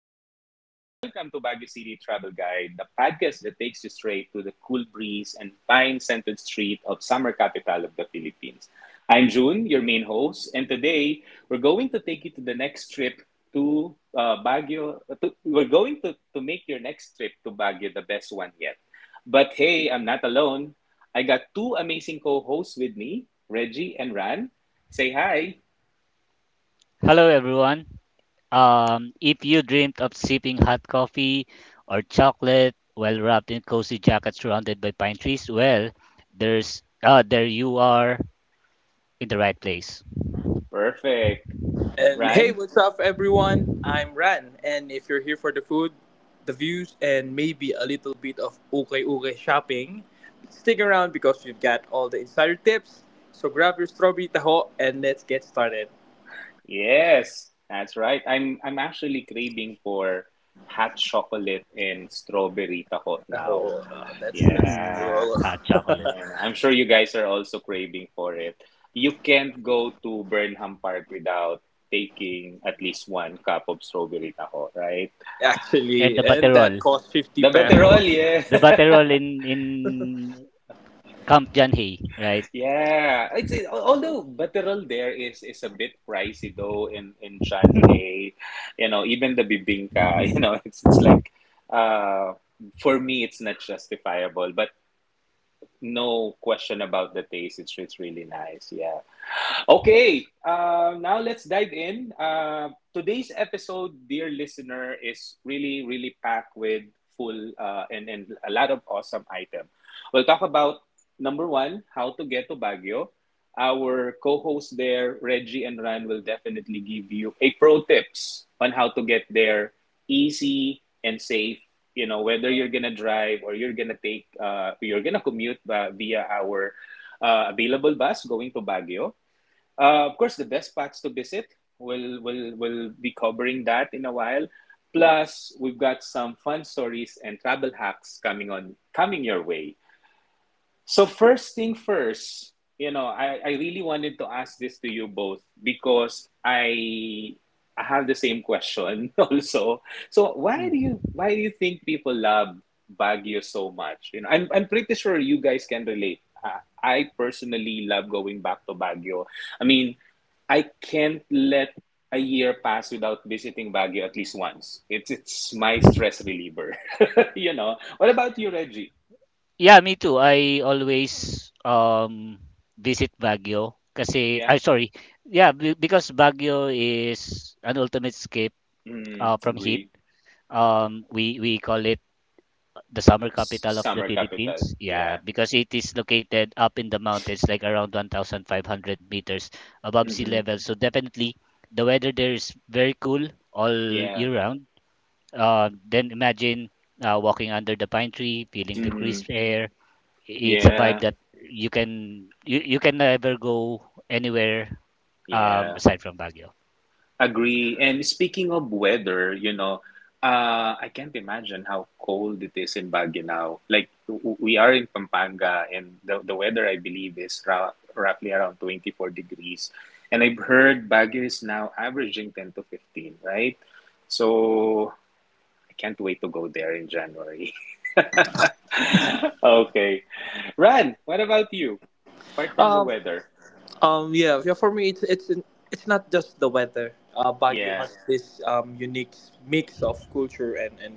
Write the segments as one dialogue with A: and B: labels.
A: travelers. Welcome to Baguio City Travel Guide, the podcast that takes you straight to the cool breeze and pine scented street of summer capital of the Philippines. I'm June, your main host, and today we're going to take you to the next trip to Baguio. We're going to make your next trip to Baguio the best one yet. But hey, I'm not alone. I got two amazing co hosts with me, Reggie and Ran. Say hi.
B: Hello, everyone. If you dreamt of sipping hot coffee or chocolate while wrapped in cozy jackets surrounded by pine trees, well, there you are in the right place.
A: Perfect.
C: And hey,
A: Ran.
C: what's up, everyone? I'm Ran, and if you're here for the food, the views, and maybe a little bit of uke uke shopping, stick around because you've got all the insider tips. So grab your strawberry taho and let's get started.
A: Yes, that's right. I'm actually craving for hot chocolate and strawberry tahot
C: Taho,
A: now.
C: that's
A: Yeah,
C: cool.
B: Hot chocolate
A: and I'm sure you guys are also craving for it. You can't go to Burnham Park without taking at least one cup of strawberry tahot, right?
B: and the
C: Actually, and that
B: butterol,
C: costs 50
A: The better all,
C: pesos.
A: yeah.
B: the butterol in Camp Janhay, right?
A: Yeah, it's although Butterol there is a bit pricey though in Hey, even the bibingka, it's like uh for me it's not justifiable, but no question about the taste. It's really nice. Yeah. Okay, now let's dive in. Today's episode, dear listener, is really, really packed with full and a lot of awesome items. We'll talk about number one, how to get to Baguio. Our co hosts there, Reggie and Ryan, will definitely give you a pro tips on how to get there easy and safe. You know, whether you're gonna drive or you're gonna take, you're gonna commute via our available bus going to Baguio. Of course, the best spots to visit. We'll be covering that in a while. Plus, we've got some fun stories and travel hacks coming your way. So first thing first, I really wanted to ask this to you both because I have the same question also. So why do you think people love Baguio so much? I'm pretty sure you guys can relate. I personally love going back to Baguio. I mean, I can't let a year pass without visiting Baguio at least once. It's my
B: Mm.
A: stress reliever. What about you, Reggie?
B: Yeah, me too. I always visit Baguio kasi
A: Yeah.
B: I sorry. Yeah, because Baguio is an ultimate escape
A: Mm,
B: from heat.
A: agree.
B: We call it the summer
A: S-
B: capital of the
A: summer capital.
B: Philippines. Yeah,
A: Yeah.
B: because it is located up in the mountains, like around 1,500 meters above sea
A: Mm-hmm.
B: level. So definitely, the weather there is very cool all
A: Yeah.
B: year round. Then imagine walking under the pine tree, feeling the
A: Mm-hmm.
B: crisp air. It's a vibe
A: Yeah.
B: that you can never go anywhere
A: Yeah.
B: aside from Baguio.
A: Agree. And speaking of weather, I can't imagine how cold it is in Baguio. Like we are in Pampanga, and the weather I believe is roughly around 24 degrees. And I've heard Baguio is now averaging 10 to 15, right? So I can't wait to go there in January. Okay. Ran, what about you? Apart from the
C: Um,
A: weather.
C: Yeah, yeah. For me, it's not just the weather. Baguio
A: Yeah,
C: has this unique mix of culture and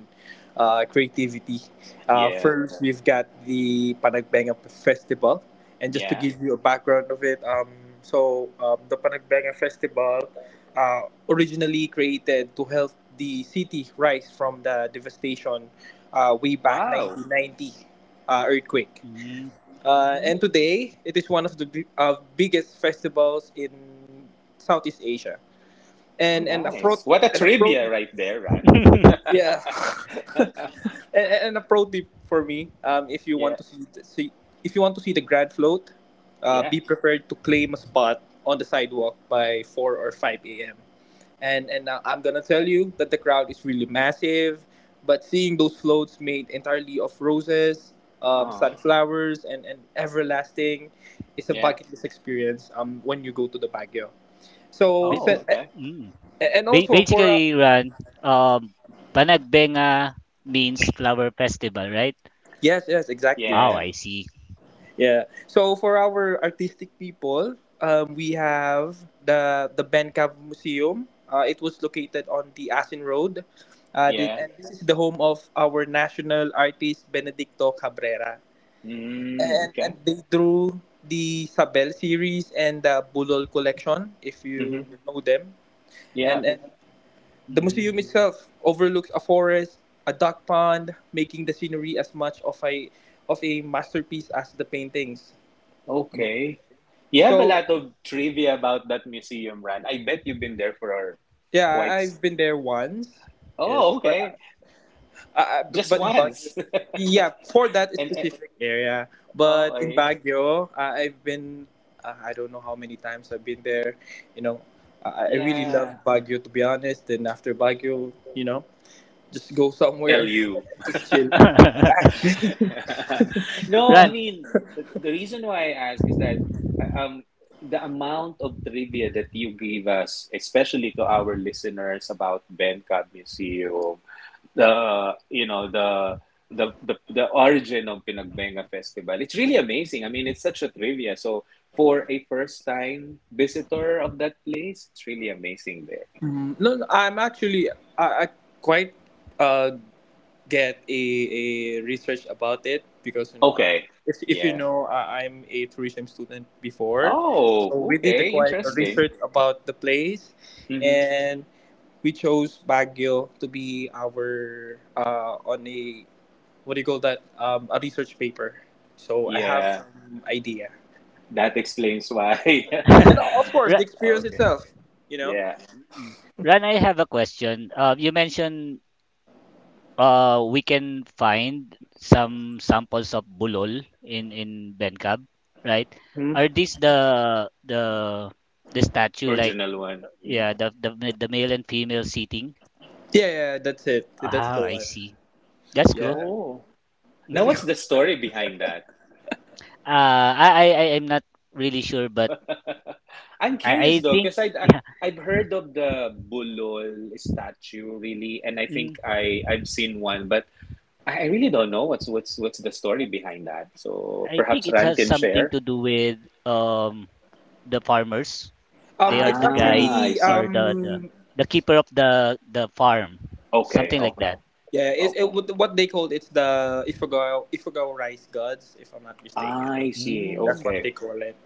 C: creativity.
A: yeah,
C: First, we've got the Panagbenga Festival, and just to
A: yeah.
C: give you a background of it, the Panagbenga Festival uh, originally created to help the city rise from the devastation way back
A: Wow.
C: 1990 earthquake.
B: Mm.
C: Uh,
A: Hmm.
C: and today, it is one of the biggest festivals in Southeast Asia.
A: Oh,
C: And and a pro
A: nice. What a
C: and a pro
A: trivia right there, Ran.
C: Yeah, and, and a pro tip for me, if you want
A: yeah,
C: to see, the, see if you want to see the grad float,
A: yeah.
C: be prepared to claim a spot on the sidewalk by 4 or 5 a.m. And now I'm gonna tell you that the crowd is really massive. But seeing those floats made entirely of roses,
A: Uh-huh.
C: sunflowers, and everlasting is a
A: Yeah.
C: bucket list experience when you go to the Baguio. So,
B: Bi-
A: Oh,
B: bi-
A: okay.
B: mm.
C: and
B: Ba-
C: also for.
B: basically, Ran, um, Panagbenga means flower festival, right?
C: Yes, yes, exactly.
B: Oh,
A: Yeah,
B: I see.
C: Yeah. So for our artistic people, we have the Benkav Museum. It was located on the Asin Road. Uh, the,
A: yeah.
C: and this is the home of our national artist Benedicto Cabrera.
A: Mm,
C: And
A: okay.
C: they drew the Sabel series and the Bulol collection, if you
A: Mm-hmm.
C: know them.
A: Yeah.
C: And the
B: Hmm.
C: museum itself overlooks a forest, a duck pond, making the scenery as much of a masterpiece as the paintings.
A: Okay. You have a
C: So
A: lot of trivia about that museum, Ran. I bet you've been there for
C: yeah,
A: quite.
C: I- I've been there once. Yes,
A: Oh,
C: but
A: okay.
C: uh,
A: Just
C: but in Baguio,
A: once.
C: yeah, for that
A: and
C: specific area.
A: oh,
C: But in Baguio, I don't know how many times I've been there. You know, I really love
A: yeah.
C: Baguio to be honest. And after Baguio, you know, just go somewhere,
A: LU.
C: just chill.
A: No, I
B: Ran.
A: mean, the reason why I ask is that uh, um, the amount of trivia that you give us, especially to our listeners about Bangkok Museum, the you know the origin of Pinagbenga Festival. It's really amazing. I mean, it's such a trivia. So for a first time visitor of that place, it's really amazing there.
C: Mm, no, no, I'm actually. I quite uh get a research about it because you know, uh,
A: Okay.
C: if, if you
A: Yeah.
C: know, I'm a tourism student before,
A: Oh,
C: so we did the
A: okay.
C: quite a
A: Interesting.
C: research
B: Mm.
C: about the place,
A: Hmm.
C: and we chose Baguio to be our on a what do you call that, a research paper, so I have
A: Yeah,
C: some idea,
A: that explains why.
C: and of course, the
B: Ran,
C: experience
A: Okay.
C: itself, you know.
A: Yeah,
B: Ran, I have a question. You mentioned we can find some samples of bulol in Bencab, right? Are
C: Mhm.
B: these the statue, like
A: original one. Mhm.
B: yeah, the male and female seating?
C: Yeah, yeah, that's it, that's
B: Ah,
C: the
B: I
C: one.
B: see. That's cool.
C: Yeah.
A: Oh, now
C: Let's
B: Hmm.
A: what's
C: go.
A: the story behind that?
B: I'm not really sure, but
A: I'm
B: I,
A: curious
B: I
A: though,
B: think
A: because I've heard of the Bulol statue really, and I
B: mm,
A: think I've seen one, but I really don't know what's the story behind that. So
B: I think
A: perhaps
B: it
A: Ran
B: has
A: can
B: something
A: share.
B: to do with um the farmers. They are
C: It's
B: the guide
A: Ah, I
C: actually.
B: or
A: see.
B: the the, the keeper of the farm,
A: Okay,
B: something like
A: okay,
B: that.
C: Yeah,
A: okay.
C: what they called, it's the Ifugao Ifugao rice gods, if I'm not mistaken.
A: I see.
C: That's
B: Mm.
C: what
A: Okay.
C: they call it.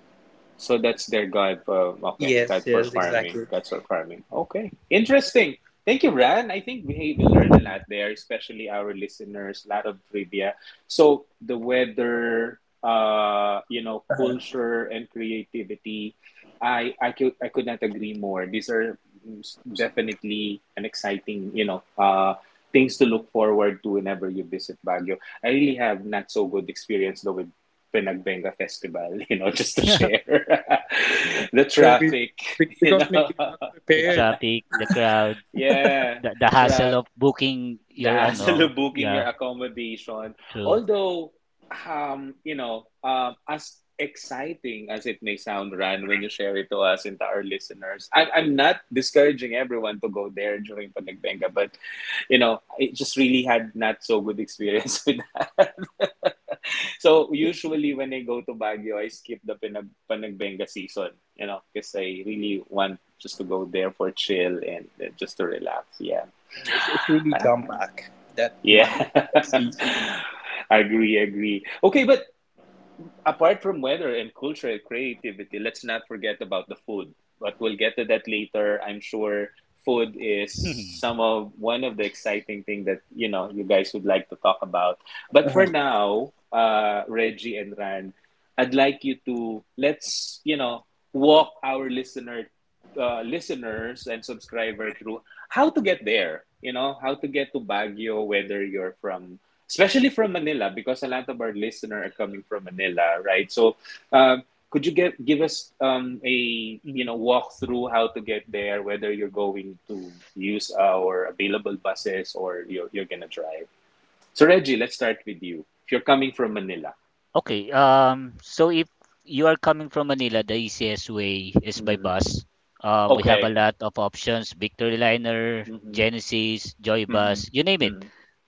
A: So that's their guide. Okay,
C: Yes,
A: guide for
C: yes,
A: farming.
C: exactly.
A: Guides for farming. Okay, interesting. Thank you, Ran. I think we learn a lot there, especially our listeners. A lot of trivia. So the weather,
C: Uh-huh.
A: culture and creativity. I could not agree more. These are definitely an exciting, things to look forward to whenever you visit Baguio. I really have not so good experience though with Pinagbenga Festival, just to
B: The
A: share the
C: Maybe,
A: traffic, you
C: because
A: know.
C: maybe you're not
B: the
C: prepared.
B: traffic, the crowd,
A: Yeah,
B: the hassle
A: traffic,
B: of booking
A: the
B: your
A: hassle
B: ano.
A: of booking
B: Yeah,
A: your accommodation.
B: true.
A: Although, as exciting as it may sound, Ran, when you share it to us and to our listeners, I'm not discouraging everyone to go there during Panagbenga, but, I just really had not so good experience with that. So usually when I go to Baguio, I skip the Pinag Panagbenga season, because I really want just to go there for chill and just to relax. Yeah.
C: Yeah, it's really
A: Parang-
C: jump back that month, that
A: Yeah.
C: season.
A: Agree, agree. Okay, but apart from weather and cultural creativity, let's not forget about the food. But we'll get to that later. I'm sure food is some of one of the exciting thing that you guys would like to talk about. But
C: Uh-huh.
A: for now, Reggie and Ran, I'd like you to let's walk our listener, listeners and subscriber through how to get there. You know how to get to Baguio, whether you're from especially from Manila, because a lot of our listeners are coming from Manila, right? So, um, could you give us a walk through how to get there, whether you're going to use our available buses or you're gonna drive? So, Reggie, let's start with you. If you're coming from Manila,
B: Okay, so if you are coming from Manila, the easiest way is by
A: mm,
B: bus. We have a
A: okay,
B: lot of options: Victory Liner,
A: mm-hmm.
B: Genesis, Joy
A: Mm-hmm.
B: Bus. You name it,
A: Mm-hmm.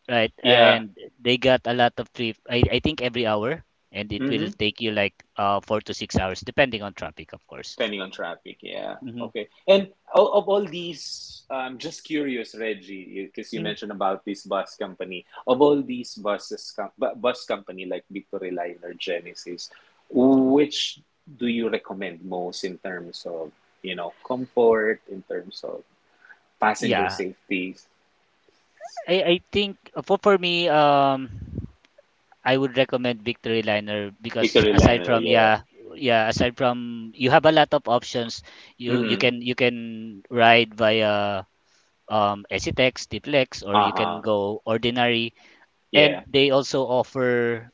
B: right?
A: Yeah.
B: And they got a lot of trip, I think every hour, and it will
A: Mm-hmm.
B: take you like 4 to 6 hours, depending on traffic, of course.
A: Depending on traffic, yeah.
B: Hmm.
A: Okay. And of all these, I'm just curious, Reggie, because you
B: Hmm.
A: mentioned about this bus company. Of all these buses, bus company like Victory Line or Genesis, which do you recommend most in terms of, comfort, in terms of passenger
B: Yeah,
A: safety?
B: I think for me, I would recommend Victory Liner because
A: Victory
B: aside
A: Liner,
B: from
A: yeah.
B: yeah, yeah, aside from, you have a lot of options. you you
A: Mm-hmm.
B: can you can ride via Esitex, Tiplex, or you can
A: Uh-huh.
B: go ordinary, and
A: Yeah.
B: they also offer,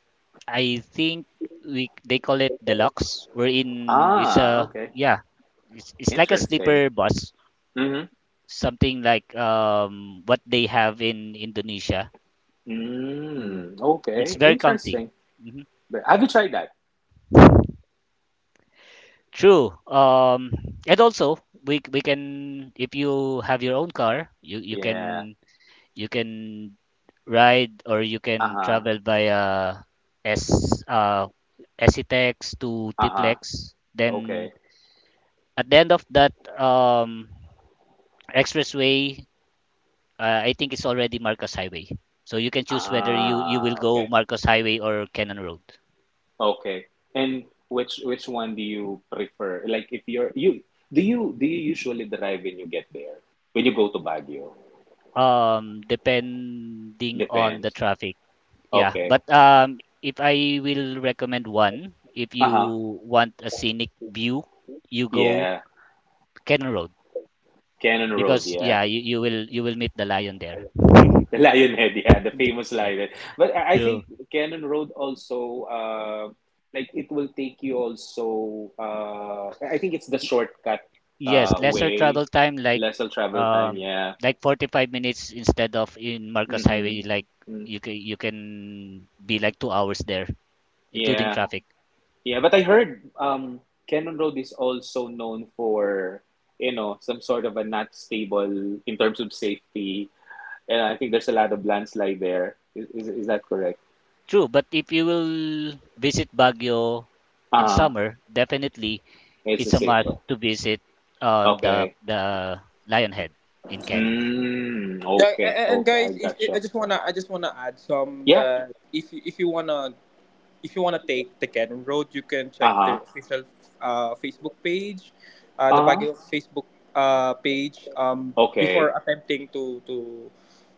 B: I think, we they call it deluxe, wherein it's
A: Ah,
B: a
A: okay.
B: yeah, it's like a
A: Interesting.
B: sleeper bus,
A: Mm-hmm.
B: something like what they have in Indonesia. Mm.
A: Mm,
B: It's
A: okay.
B: very comfy.
A: Interesting.
B: Mm-hmm.
A: But have you tried that?
B: True. And also, we can, if you have your own car, you you
A: Yeah.
B: can you can ride, or you can
A: Uh-huh.
B: travel via S SETEX to
A: Uh-huh.
B: Tiplex. Then
A: Okay.
B: at the end of that expressway, I think it's already Marcos Highway. So you can choose whether you will
A: Ah,
B: go
A: okay.
B: Marcos Highway or Cannon Road.
A: Okay. And which one do you prefer? Like if you're you do you usually drive when you get there? When you go to Baguio?
B: Depending on the
A: Depends.
B: traffic. Yeah,
A: Okay.
B: but if I will recommend one, if
A: Uh-huh.
B: you want a scenic view, you go
A: Yeah.
B: Cannon Road
A: Cannon Road,
B: because,
A: yeah.
B: yeah, you will meet the lion there.
A: The Lionhead, yeah, the famous
B: There.
A: Lionhead. But I
B: True.
A: think Cannon Road also, like, it will take you also. I think it's the shortcut
B: Yes, lesser
A: way,
B: travel time, like,
A: lesser travel time.
B: um,
A: Yeah,
B: like 45 minutes, instead of in Marcos
A: mm-hmm.
B: Highway, like
A: Mm,
B: you can be like 2 hours there, including
A: yeah,
B: traffic.
A: yeah. But I heard Cannon Road is also known for, some sort of a not stable in terms of safety, and I think there's a lot of landslide there. Is that correct?
B: True, but if you will visit Baguio in
A: Ah,
B: summer, definitely
A: it's
B: it's
A: a
B: a
A: safe
B: must
A: one.
B: to visit um the
A: Okay.
B: the lion head in Canon.
A: Mm,
C: Yeah,
A: okay,
C: and
A: okay,
C: guys,
A: I
C: I
A: gotcha.
C: just wanna I just wanna add some,
A: Yeah.
C: the if you want to take the Cannon Road, you can check their
A: Uh-huh.
C: official Facebook page, the
A: Uh-huh.
C: Baguio Facebook page.
A: Okay.
C: Before attempting to to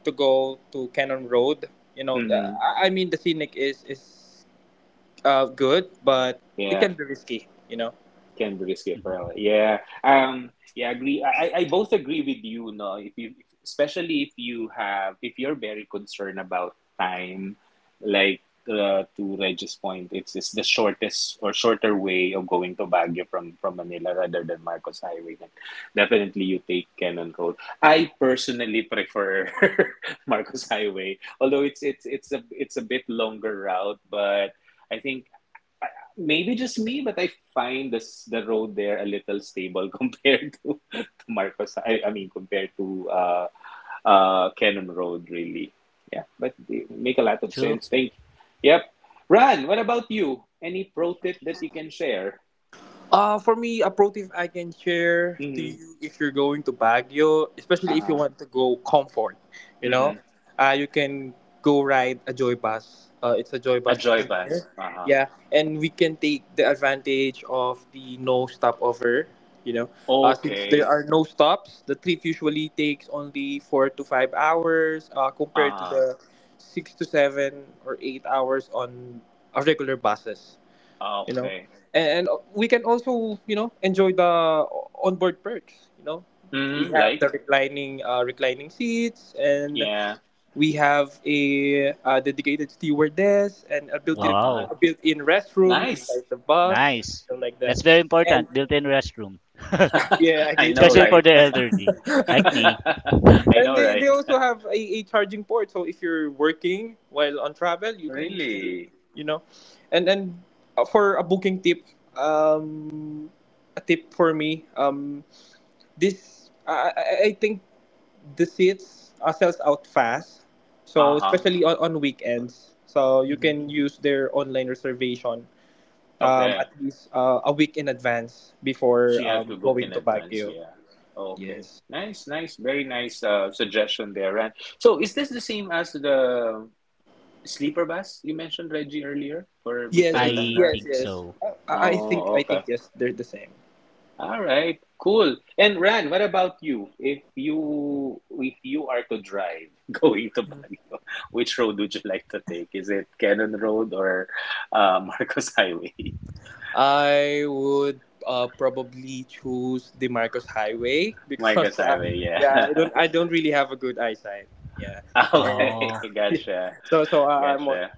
C: to go to Cannon Road, you know,
A: Mm-hmm.
C: I mean the scenic is good, but it
A: Yeah.
C: can be risky. You know.
A: Ken Brisket
B: Mhm.
A: Farrell. Yeah. Yeah, agree. I both agree with you, no. If you especially if you have if you're very concerned about time, like to Reg's point, it's the shortest or shorter way of going to Baguio from Manila rather than Marcos Highway. Then definitely you take Cannon Road. I personally prefer Marcos Highway, although it's a bit longer route, but I think maybe just me, but I find this the road there a little stable compared to Marcos. I mean, compared to Cannon Road, really. Yeah, but they make a lot of
B: True.
A: sense. Thank. Yep. Ran, what about you? Any pro tip that you can share?
C: For me, a pro tip I can share to
A: Mm-hmm.
C: you if you're going to Baguio, especially if you
A: Uh-huh.
C: want to go comfort, you
A: Mm-hmm.
C: know, you can go ride a Joy Bus. It's a Joy
A: A
C: Bus
A: joy bus.
C: Premier.
A: Uh-huh.
C: Yeah, and we can take the advantage of the no stopover, you know. Since there
A: Okay.
C: are no stops, the trip usually takes only 4 to 5 hours compared to
A: Uh-huh.
C: the 6 to 7 or 8 hours on regular buses, you know,
A: Okay.
C: and we can also, you know, enjoy the onboard perks, you know. We
A: Mm-hmm.
C: have
A: Like,
C: the reclining seats, and
A: yeah.
C: we have a dedicated stewardess and a built-in
B: Wow.
A: Okay.
C: a built-in restroom inside
A: Nice.
C: the bus,
B: Nice.
C: something like that.
B: That's very
C: And
B: important. Built-in restroom,
C: yeah,
A: I know,
B: especially
C: exactly.
B: for
A: right?
B: the elderly like me.
A: I
C: And
A: know,
C: they
A: right?
C: also have a charging port, so if you're working while on travel, you can still,
A: Really?
C: you know. And for a booking tip, um, a tip for me, this I think the seats sells out fast, so
A: Uh-huh.
C: especially on weekends, so you
B: Mhm.
C: can use their online reservation
A: Okay.
C: at least a week in advance before
A: So you have to book
C: going
A: in
C: to
A: advance,
C: Baguio.
A: yeah. Okay.
C: Yes.
A: Nice, nice, very nice suggestion there, Ran. So is this the same as the sleeper bus you mentioned, Reggie, earlier for
C: Yes,
A: Victory
B: I
A: Liner?
C: yes,
B: think
C: yes.
B: so.
C: I, I think
A: Oh,
C: I
A: okay.
C: think yes, they're the same.
A: All right, cool. And Ran, what about you? If you are to drive going to Baguio, which road would you like to take? Is it Cannon Road or Marcos Highway?
C: I would probably choose the Marcos Highway
A: Marcos
C: because
A: Highway,
C: yeah, I
A: yeah.
C: don't I don't really have a good eyesight. Yeah. And
A: Okay,
B: Oh,
A: gotcha,
C: I'm more.
A: gotcha.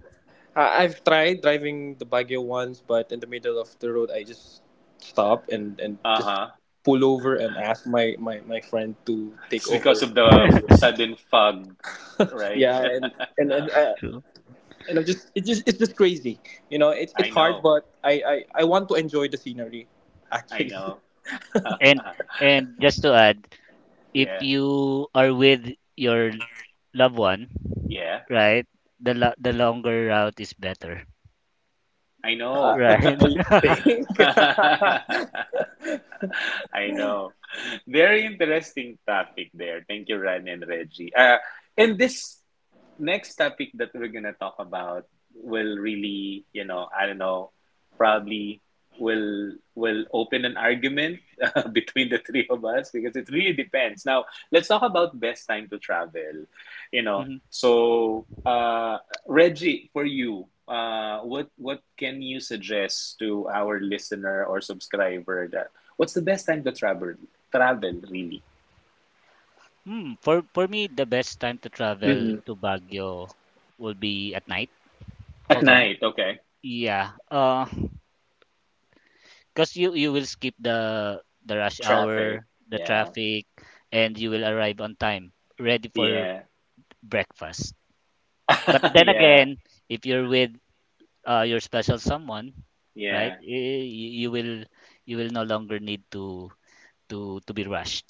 C: I've tried driving the Baguio once, but in the middle of the road, I just stop and just
A: Uh-huh.
C: pull over and ask my friend to take
A: It's because
C: over
A: of
C: the
A: the
C: wheels.
A: sudden fog, right?
C: Yeah. And I,
B: true.
C: you know, just it's just crazy, you know. it's it's
A: I
C: hard,
A: know,
C: but I want to enjoy the scenery
A: I
C: actually.
A: know.
B: And and just to add, if
A: Yeah,
B: you are with your loved one,
A: yeah,
B: right? The longer route is better,
A: I
C: uh,
A: know.
B: right?
C: I think
A: I know. Very interesting topic there. Thank you, Ryan and Reggie. And this next topic that we're gonna talk about will really, I don't know, probably will open an argument between the three of us because it really depends. Now, let's talk about best time to travel. You know, so Reggie, for you, what can you suggest to our listener or subscriber that what's the best time to travel? Travel, really?
B: Hmm, for me, the best time to travel
A: Mm-hmm.
B: to Baguio will be at night.
A: At
B: Hold on.
A: night, okay.
B: Yeah. Cause you will skip the rush
A: Traffic.
B: hour, the
A: Yeah.
B: traffic, and you will arrive on time, ready for
A: Yeah.
B: breakfast. But then
A: yeah.
B: again, if you're with your special someone, right?
A: Yeah.
B: You will no longer need to be rushed.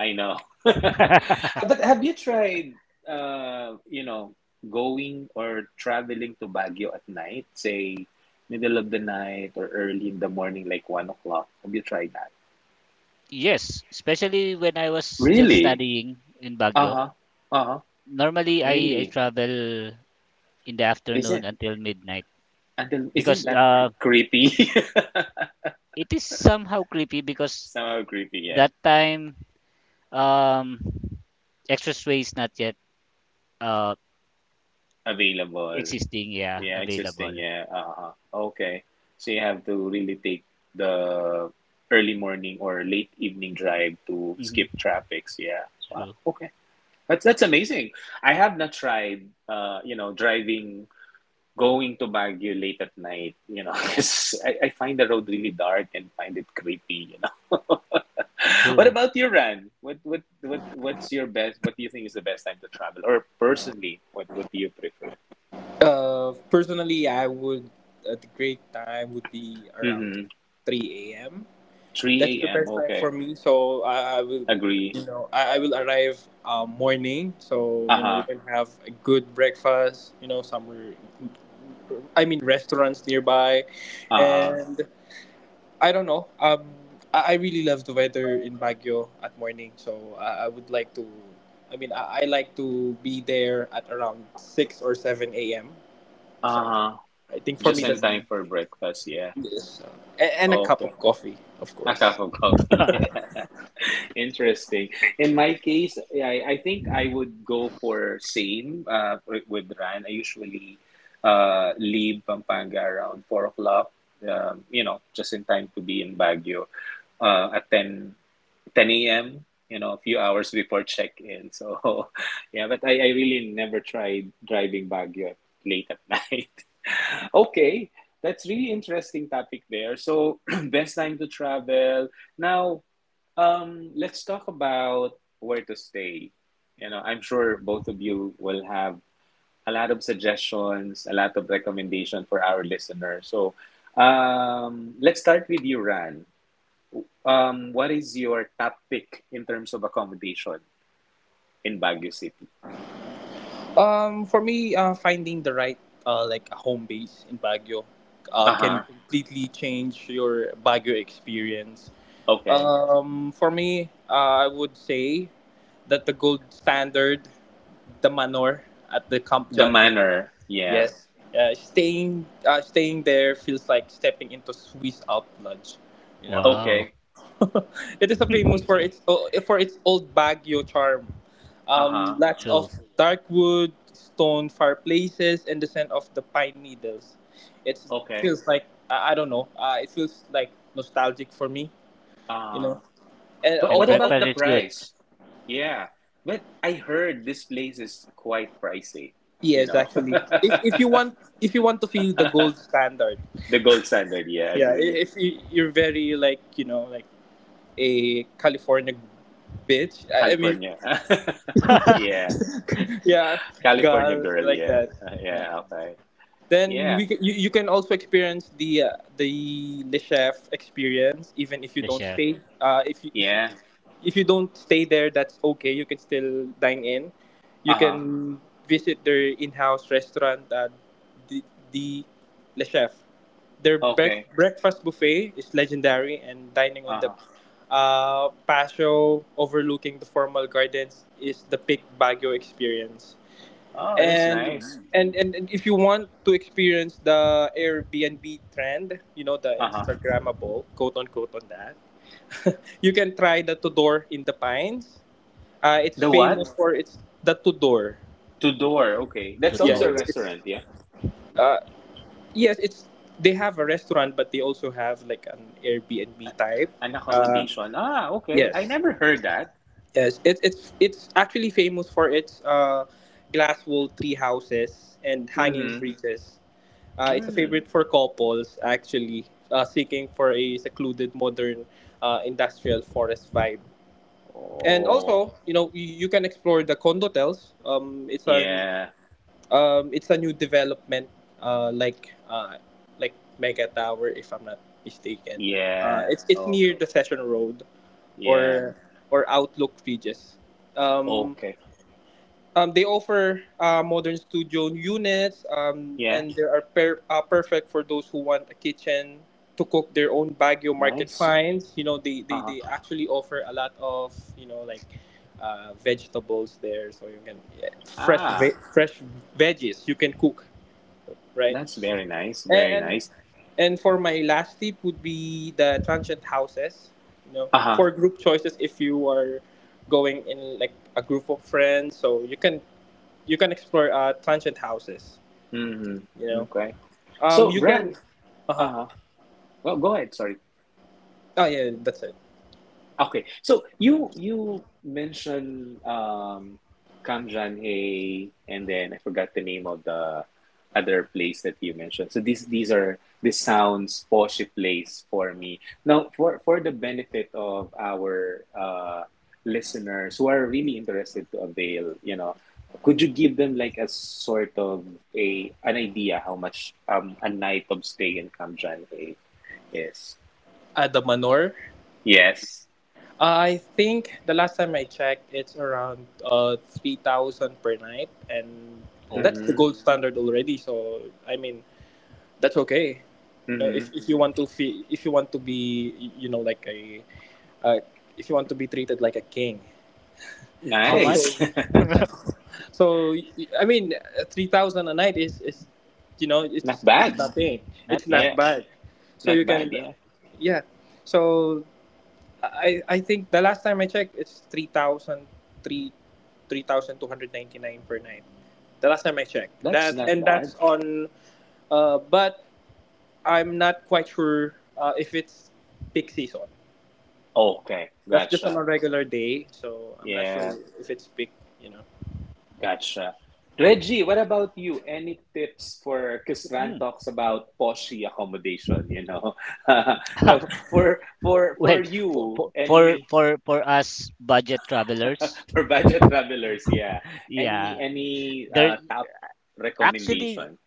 A: I know. But have you tried, uh, you know, going or traveling to Baguio at night? Say, middle of the night or early in the morning, like 1 o'clock. Have you tried that?
B: Yes, especially when I was still
A: Really?
B: studying in Baguio.
A: Uh-huh. Uh-huh.
B: Normally, I
A: Really?
B: travel in the
A: Is
B: afternoon
A: it?
B: until midnight
A: Until, isn't
B: because,
A: that cr creepy?
B: it is somehow creepy because
A: Somehow creepy, yeah.
B: that time um, expressway is not yet, uh,
A: Available.
B: existing, yeah,
A: Yeah, existing.
B: available.
A: Yeah. Uh-huh. Okay. So you have to really take the early morning or late evening drive to skip
B: Hmm.
A: traffics. Yeah. Wow.
B: True,
A: Okay. That's amazing. I have not tried, driving, going to Baguio late at night, 'cause I find the road really dark and find it creepy. What
B: true.
A: about you, Ran? What's your best? What do you think is the best time to travel? Or personally, what do you prefer?
C: Personally, I would the great time would be around 3 a.m. That's
A: 3
C: the
A: a.m.
C: best time
A: Okay.
C: for me, so I will,
A: Agree.
C: you know, I will arrive morning, so you know you
A: Uh-huh.
C: can have a good breakfast, you know, somewhere, I mean restaurants nearby.
A: Uh-huh.
C: And I don't know. I really love the weather in Baguio at morning, so I would like to. I mean, I like to be there at around 6 or 7 a.m. So
A: Uh-huh.
C: I think for
A: Just
C: me
A: in
C: that's
A: time
B: Mm.
A: for breakfast. Yeah.
C: yes, and a cup
A: Okay.
C: of coffee, of
A: A
C: course.
A: cup of coffee. Yeah. Interesting. In my case, yeah, I think I would go for same with Ran. I usually leave Pampanga around 4 o'clock, just in time to be in Baguio at 10 a.m., a few hours before check-in. So, yeah, but I really never tried driving Baguio late at night. Okay, that's really interesting topic there. So, best time to travel. Now, let's talk about where to stay. You know, I'm sure both of you will have a lot of suggestions, a lot of recommendation for our listeners. So, let's start with you, Ran. What is your top pick in terms of accommodation in Baguio City?
C: For me, finding the right, like a home base in Baguio can
A: Uh-huh.
C: completely change your Baguio experience.
A: Okay.
C: For me, I would say that the gold standard, the manor at the Camp
A: The
C: John Hay.
A: manor. Yeah.
C: Yes, staying there feels like stepping into Swiss Alp Lodge. You know.
B: Wow.
A: Okay.
C: It is famous for its for its old Baguio charm.
A: Uh-huh.
C: Lots of
B: True.
C: dark wood, stone fireplaces, and the scent of the pine needles. It
A: Okay.
C: feels like. I don't know. It feels like nostalgic for me. You know.
A: Uh,
C: And
B: And
A: but
C: o
A: what
C: o- of
B: breakfast
A: about the
B: is good.
A: price? Yeah. But I heard this place is quite pricey, you
C: Yes,
A: know.
C: actually. If you want to feel the gold standard.
A: The gold standard, yeah,
C: Yeah,
A: agree.
C: if you, you're very, like, you know, like a California bitch. I mean,
A: California. Yeah.
C: yeah,
A: California
C: girl
A: girl,
C: like
A: yeah.
C: that.
A: Yeah, okay.
C: Then
A: Yeah.
C: you can also experience the Le Chef experience, even if
B: The
C: you don't
B: chef.
C: stay if you, if you
A: Yeah.
C: if you don't stay there, that's okay. You can still dine in. You
A: Uh-huh.
C: can visit their in-house restaurant, the, the Le Chef. Their
A: Okay.
C: breakfast buffet is legendary, and dining on the
A: Uh-huh.
C: patio overlooking the formal gardens is the peak Baguio experience.
A: Oh, that's
C: And
A: nice.
B: Mm.
C: And if you want to experience the Airbnb trend, you know, the
A: Uh-huh.
C: Instagrammable, quote unquote, on that, you can try the Tudor in the Pines. It's
A: The what?
C: famous for its, the Tudor.
A: Tudor. Okay.
B: To
A: That's
C: Yeah.
A: also
B: door.
A: a
C: It's
A: restaurant, yeah?
C: uh, yes, it's they have a restaurant, but they also have like an Airbnb type.
A: An
C: Uh,
A: accommodation. Ah, okay. I
C: yes,
A: never heard that.
C: yes, it's actually famous for its glass wool tree houses and hanging
A: Mm-hmm.
C: bridges. It's a
A: Mm.
C: favorite for couples actually, seeking for a secluded, modern, industrial forest vibe. And
A: Oh,
C: also, you know, you can explore the Condotels.
A: yeah.
C: It's a new development, uh, like uh, like Mega Tower, if I'm not mistaken.
A: Yeah.
C: It's near
A: Okay.
C: the Session Road
A: Yeah.
C: or or Outlook Regis. Um,
A: Okay.
C: they offer modern studio units,
A: Yeah.
C: and they are perfect for those who want a kitchen to cook their own Baguio market
A: Nice.
C: finds. You know, they, they,
A: Uh-huh.
C: they actually offer a lot of, you know, like, vegetables there, so you can, yeah,
A: Ah,
C: fresh veggies you can cook, right?
A: that's very nice. Very
C: And
A: nice.
C: and for my last tip would be the transient houses. You know,
A: Uh-huh.
C: for group choices, if you are going in like a group of friends, so you can, explore transient houses. You
A: Mm-hmm.
C: know,
A: Okay. So,
C: you can.
A: Bran,
C: Uh huh.
A: uh-huh. Well, go ahead. Sorry.
C: Oh yeah, that's it.
A: Okay. So you mentioned Kamjanhae and then I forgot the name of the other place that you mentioned. So these are this sounds poshy place for me. Now for the benefit of our listeners who are really interested to avail, could you give them like a sort of a an idea how much a night of stay in Kamjanhae is?
C: At the manor,
A: Yes.
C: I think the last time I checked, it's around 3,000 per night, and
B: Oh,
C: that's the
A: Mm-hmm.
C: gold standard already. So I mean, that's okay. You know,
A: Mm-hmm.
C: if you want to feel, if you want to be, you know, uh, if you want to be treated like a king.
B: how
C: So
B: much?
C: so
A: Nice.
C: So I mean, 3,000 a night is, you know,
A: Not
C: it's
A: bad.
B: Mm.
C: nothing.
B: Not
C: It's
B: bad.
C: not
A: Yeah,
C: bad. So you
A: not bad.
C: can,
A: Yeah,
C: yeah. So I think the last time I checked, it's three three thousand two hundred ninety nine per night. The last time I checked
A: that's
C: that,
A: not
C: and
A: bad.
C: that's on. But I'm not quite sure if it's peak season.
A: Okay,
C: That's just on a
A: gotcha.
C: regular day, so I'm not sure
A: Yeah,
C: if it's peak. You know.
A: gotcha. Reggie, what about you? Any tips for, because Ran
B: Mm.
A: talks about poshy accommodation, you know? Now, for
B: Well, for
A: you,
B: for for
A: any
B: for for us budget travelers,
A: for budget travelers, yeah.
B: yeah,
A: Any
B: there
A: top
B: actually
A: recommendation?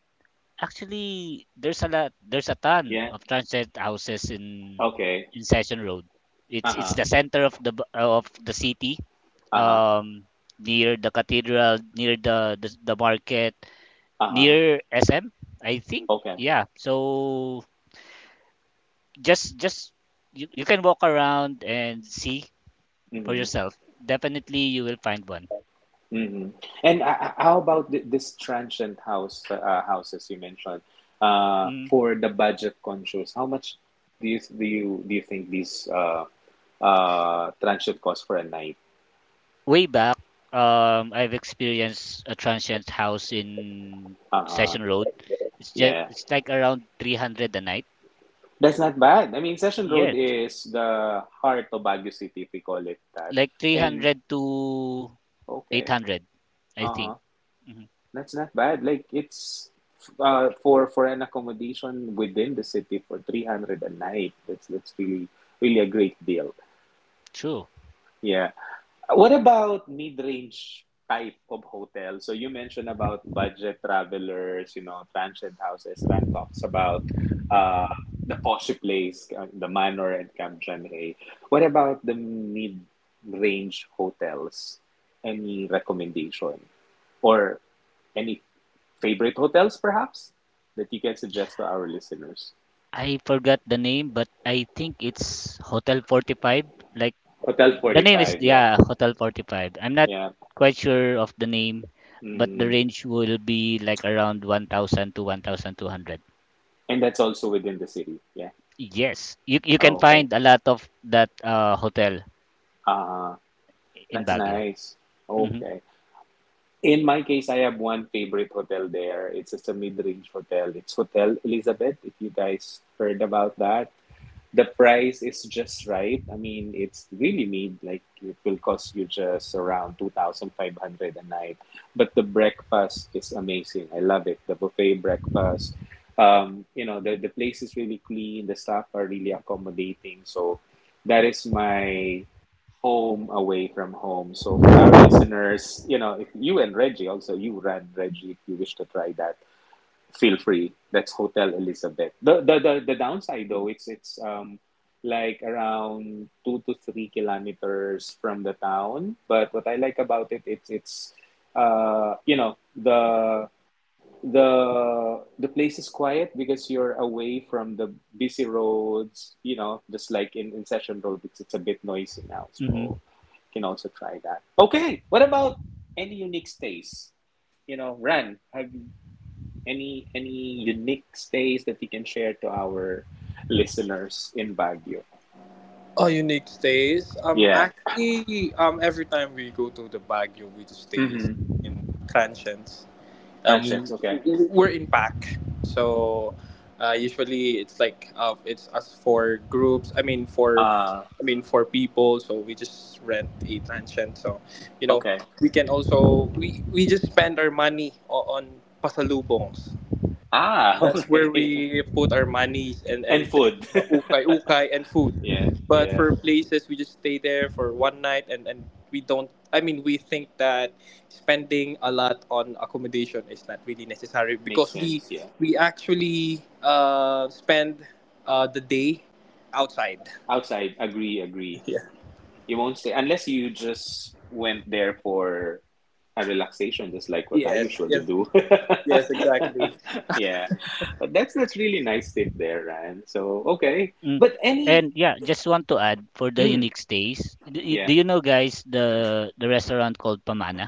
B: actually there's a lot there's a ton
A: Yeah.
B: of transit houses in
A: Okay.
B: in Session Road. It's
A: Uh-huh.
B: the center of of the city,
A: Uh-huh.
B: um, near the cathedral, near the market,
A: Uh-huh.
B: near SM, I think.
A: Okay.
B: Yeah, so just you can walk around and see for
A: Mm-hmm.
B: yourself. Definitely, you will find one.
A: hmm And how about this transient house houses you mentioned
B: Mm.
A: for the budget conscious? How much do you think these transient cost for a night?
B: Way back, I've experienced a transient house in
A: Uh-huh.
B: Session Road. It's just
A: Yeah,
B: it's like around 300 a night.
A: that's not bad. I mean, Session Road
B: Yes,
A: is the heart of Baguio City, if we call it that.
B: like
A: And
B: 300 to
A: okay,
B: 800, I think.
A: uh-huh.
B: Mhm.
A: That's not bad. Like it's for an accommodation within the city for 300 a night. That's really a great deal.
B: True.
A: Yeah. What about mid-range type of hotel? So you mentioned about budget travelers, transient houses. Ran talks about uh, the Poshi Place, the Manor, and Camp Janhay. What about the mid-range hotels? Any recommendation or any favorite hotels, perhaps, that you can suggest to our listeners.
B: I forgot the name, but I think it's Hotel 45. Like,
A: Hotel
B: the name is,
A: 45, yeah.
B: yeah, Hotel 45. I'm not
A: Yeah.
B: quite sure of the name, but the
A: Mm.
B: range will be like around 1,000 to 1,200.
A: And that's also within the city. Yeah.
B: Yes, you can
A: Oh, okay.
B: find a lot of that hotel
A: Uh,
B: in
A: that's
B: Baguio.
A: nice.
B: Hmm.
A: Okay. In my case, I have one favorite hotel there. It's just a mid-range hotel. It's Hotel Elizabeth, if you guys heard about that. The price is just right. I mean, it's really made like it will cost you just around 2,500 a night. But the breakfast is amazing. I love it. The buffet breakfast. The place is really clean. The staff are really accommodating. So that is my home away from home. So for our listeners, if you and Reggie also, you run Reggie if you wish to try that feel free. That's Hotel Elizabeth. The downside though, it's like around 2 to 3 kilometers from the town. But what I like about it, it's you know the place is quiet because you're away from the busy roads. You know, just like in Session Road, it's a bit noisy now.
B: Hmm.
A: So you can also try that. Okay, what about any unique stays? You know, Ran, have any unique stays that you can share to our listeners in Baguio?
C: Oh, unique stays.
A: Yeah.
C: Actually, every time we go to the Baguio, we just stay
A: Mm-hmm.
C: in transients.
A: Friendships.
C: Um,
A: Okay.
C: we're in pack, so usually it's like it's us for groups.
A: Ah.
C: I mean for people. So we just rent a transient. So you know,
A: Okay.
C: we can also we just spend our money on pasalubongs.
A: Ah.
C: That's where
A: Okay.
C: we put our money and
A: And
C: and
A: food.
C: you know ukay ukay and food.
A: Yeah.
C: But
A: Yeah.
C: for places, we just stay there for one night and we don't. I mean, we think that spending a lot on accommodation is not really necessary because
A: Makes
C: we
A: sense. Yeah.
C: we actually spend the day outside.
A: Outside. Agree. Agree.
C: Yeah.
A: You won't stay unless you just went there for a relaxation, just like what I
C: Yes.
A: usually
C: Yes.
A: do.
C: Yes. Exactly.
A: Yeah. But that's really nice tip there, Ryan. So okay.
B: Mm. And yeah, just want to add for the
A: Mm,
B: unique stays. Do
A: Yeah,
B: you know, guys, the restaurant called Pamana?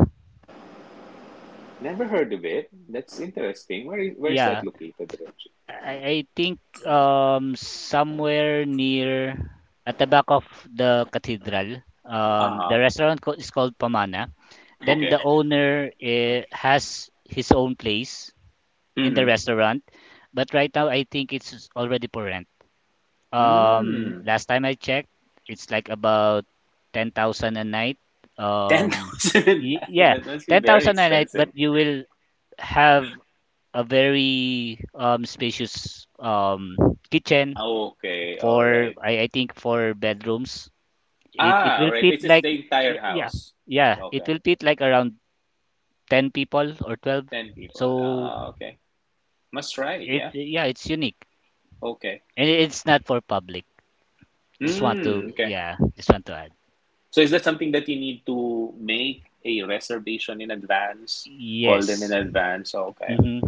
A: never heard of it. That's interesting. Where is that
B: Yeah,
A: located, Reggie?
B: I think somewhere near at the back of the cathedral. The
A: Uh-huh.
B: restaurant is called Pamana. Then
A: Okay.
B: the owner, has his own place in the
A: Mm-hmm.
B: restaurant, but right now I think it's already for.
A: Mm.
B: Last time I checked, it's like about 10,000 a night. Um,
A: 10,000
B: y yeah,
A: That must be very
B: 10,000 a night, but
A: expensive.
B: you will have a very spacious kitchen
A: Okay, all
B: for,
A: right.
B: I think, for bedrooms. It
A: Ah, all
B: will
A: right.
B: fit,
A: It's just
B: like,
A: the entire
B: y- yeah,
A: house. Okay.
B: around 10 people or 12.
A: 10 people.
B: So
A: Ah, okay. Must try,
B: it's
A: yeah.
B: yeah, it's unique.
A: Okay.
B: And it's not for public. Just want to
A: Mm, okay.
B: yeah, just want to add.
A: So is that something that you need to make a reservation in advance? Call them in
B: Yes.
A: advance. Okay.
B: Mhm.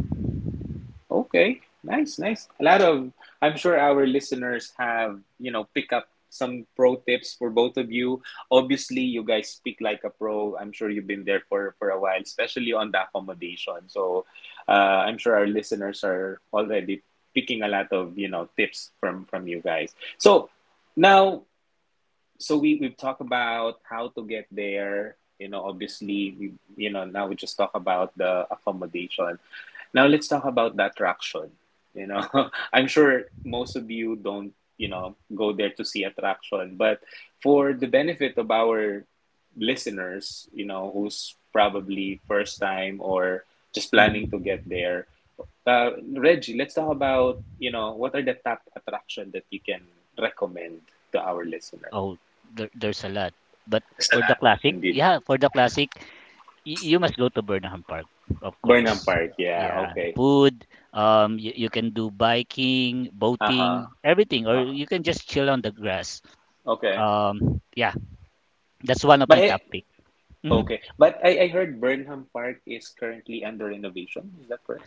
A: Okay, nice, nice. A lot of, I'm sure our listeners have, pick up some pro tips for both of you. Obviously, you guys speak like a pro. I'm sure you've been there for a while, especially on the accommodation. So, I'm sure our listeners are already picking a lot of, tips from you guys. So now, so we've talked about how to get there. You know, obviously, we, now we just talk about the accommodation. Now let's talk about the attraction. You know, I'm sure most of you don't, go there to see attraction, but for the benefit of our listeners, who's probably first time or just planning
B: Mhm.
A: to get there, Reggie, let's talk about, what are the top attraction that you can recommend to our listener?
B: Oh, there's a lot. But
A: There's a
B: for the
A: lot.
B: classic,
A: Indeed.
B: yeah, for the classic, y you must go to Burnham Park, of
A: Burnham
B: course.
A: Park, yeah,
B: Yeah,
A: okay.
B: food, you can do biking,
A: Uh-huh.
B: boating, everything, or
A: Uh-huh.
B: you can just chill on the grass.
A: Okay.
B: Yeah, that's one of
A: But
B: my top
A: I,
B: pick. Mhm.
A: Okay. But I heard Burnham Park is currently under renovation. Is that correct?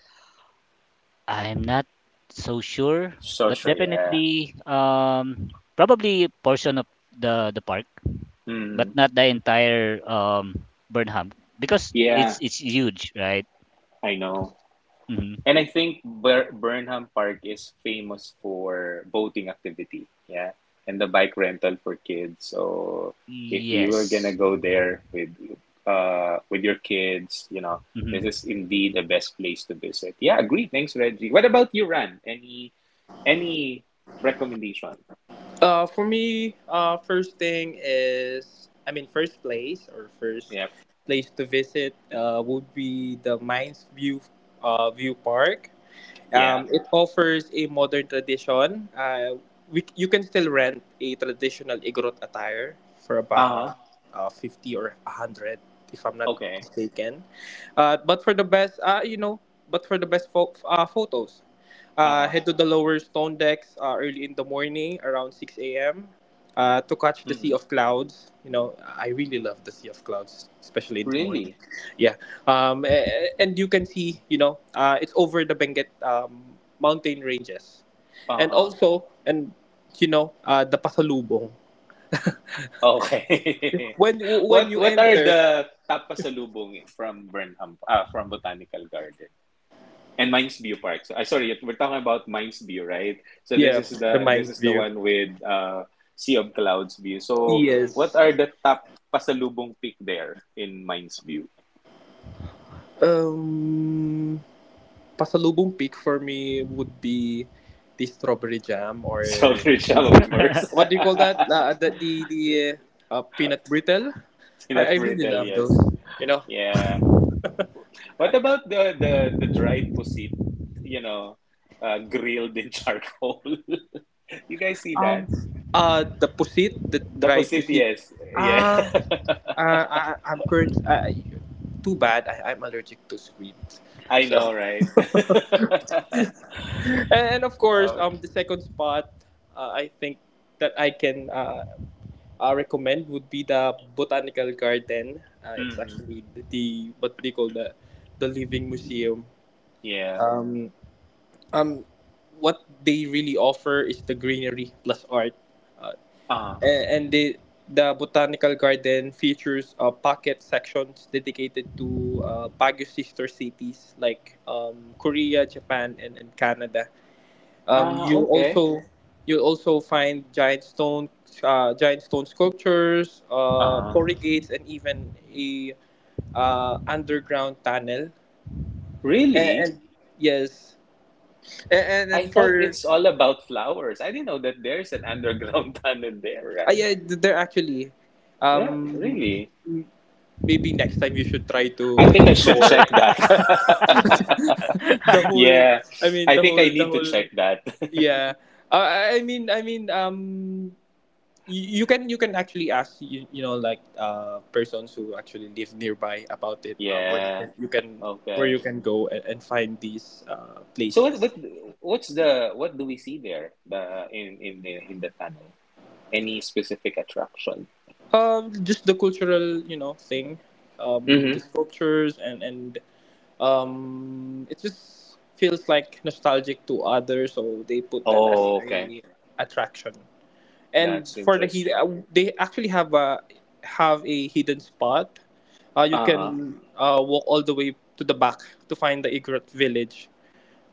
B: I'm not so sure,
A: So
B: but
A: sure, yeah.
B: definitely, probably a portion of the park, but
A: Hmm.
B: not the entire Burnham, because it's
A: Yeah,
B: it's huge, right?
A: I know.
B: Hmm.
A: And I think Burnham Park is famous for boating activity, yeah, and the bike rental for kids. So if you were gonna
B: Yes.
A: go there with your kids, this
B: Hmm.
A: is indeed the best place to visit. Yeah, agree. Thanks, Reggie. What about you, Ran? Any recommendation?
C: For me, first thing is, I mean, first
A: Yeah,
C: place to visit would be the Mines View View Park.
A: yeah.
C: It offers a modern tradition. You can still rent a traditional Igorot attire for
A: Uh-huh.
C: about 50 or 100, if I'm not
A: Okay.
C: mistaken. But for the best, you know, but for the best photos,
A: Uh-huh.
C: head to the lower stone decks early in the morning around 6 a.m to catch the sea
A: Mm-mm.
C: of clouds. You know, I really love the sea of clouds, especially in the morning.
A: Really?
C: Yeah, and you can see, you know, it's over the Benguet mountain ranges, and
A: Uh-huh.
C: also, and you know, the Pasalubong.
A: Okay.
C: When
A: What
C: you
A: what are
C: enter,
A: the top pasalubong from Botanical Garden and Mines View Park? So, sorry, we're talking about Mines View, right? So
C: yeah, the
A: this
C: mind's
A: is the
C: view.
A: one with Sea of Clouds view. So what
C: Yes.
A: are the top pasalubong pick there in Mines View?
C: Um. Pasalubong pick for me would be the strawberry jam or
A: Strawberry jam, of
C: the
A: course.
C: what do you call that? The peanut brittle.
A: Sinat
C: I really
A: Britel,
C: love
A: yes.
C: those. You know.
A: Yeah. What about the dried pusit, you know, grilled in charcoal? You guys see that?
C: Um, the
A: The
C: dried
A: pusit?
C: pusit.
A: Yes, yeah.
C: Ah, I, I'm current. Too bad. I'm allergic to sweets.
A: I
C: So,
A: know, right?
C: and of course,
A: Oh,
C: the second spot, I think that I can. I recommend would be the botanical garden. It's
A: mhm,
C: actually the what they call the living museum.
A: yeah.
C: Um, um, what they really offer is the greenery plus art, uh,
A: Ah,
C: and the botanical garden features pocket sections dedicated to Baguio sister cities like Korea, Japan, and Canada. Um,
A: ah,
C: you
A: okay.
C: also you'll also find giant stone sculptures,
A: Ah,
C: corrugates, and even a underground tunnel. And,
A: really?
C: and yes,
A: I
C: and
A: thought
C: for
A: it's all about flowers. I didn't know that there's an underground tunnel there, Ran.
C: yeah, there actually,
A: Yeah,
C: um,
A: really.
C: m- maybe next time you should try
A: I
C: to
A: think I should
C: explore
A: check that.
C: the whole.
A: Yeah, I think I
C: The
A: need to check
C: whole
A: that.
C: yeah. Uh, I I mean I mean um you, you can actually ask you, you know like persons who actually live nearby about it where
A: Yeah.
C: you can where you
A: Okay.
C: can go and find these
A: So
C: places
A: what do we see there? The in the tunnel? Any specific attraction?
C: just the cultural you know thing the
A: Mm-hmm.
C: sculptures and it just feels like nostalgic to others so they put that as
A: Oh, okay.
C: a attraction and
A: That's
C: for the he
A: interesting.
C: they actually have a hidden spot you
A: Uh-huh.
C: can walk all the way to the back to find the Igorot village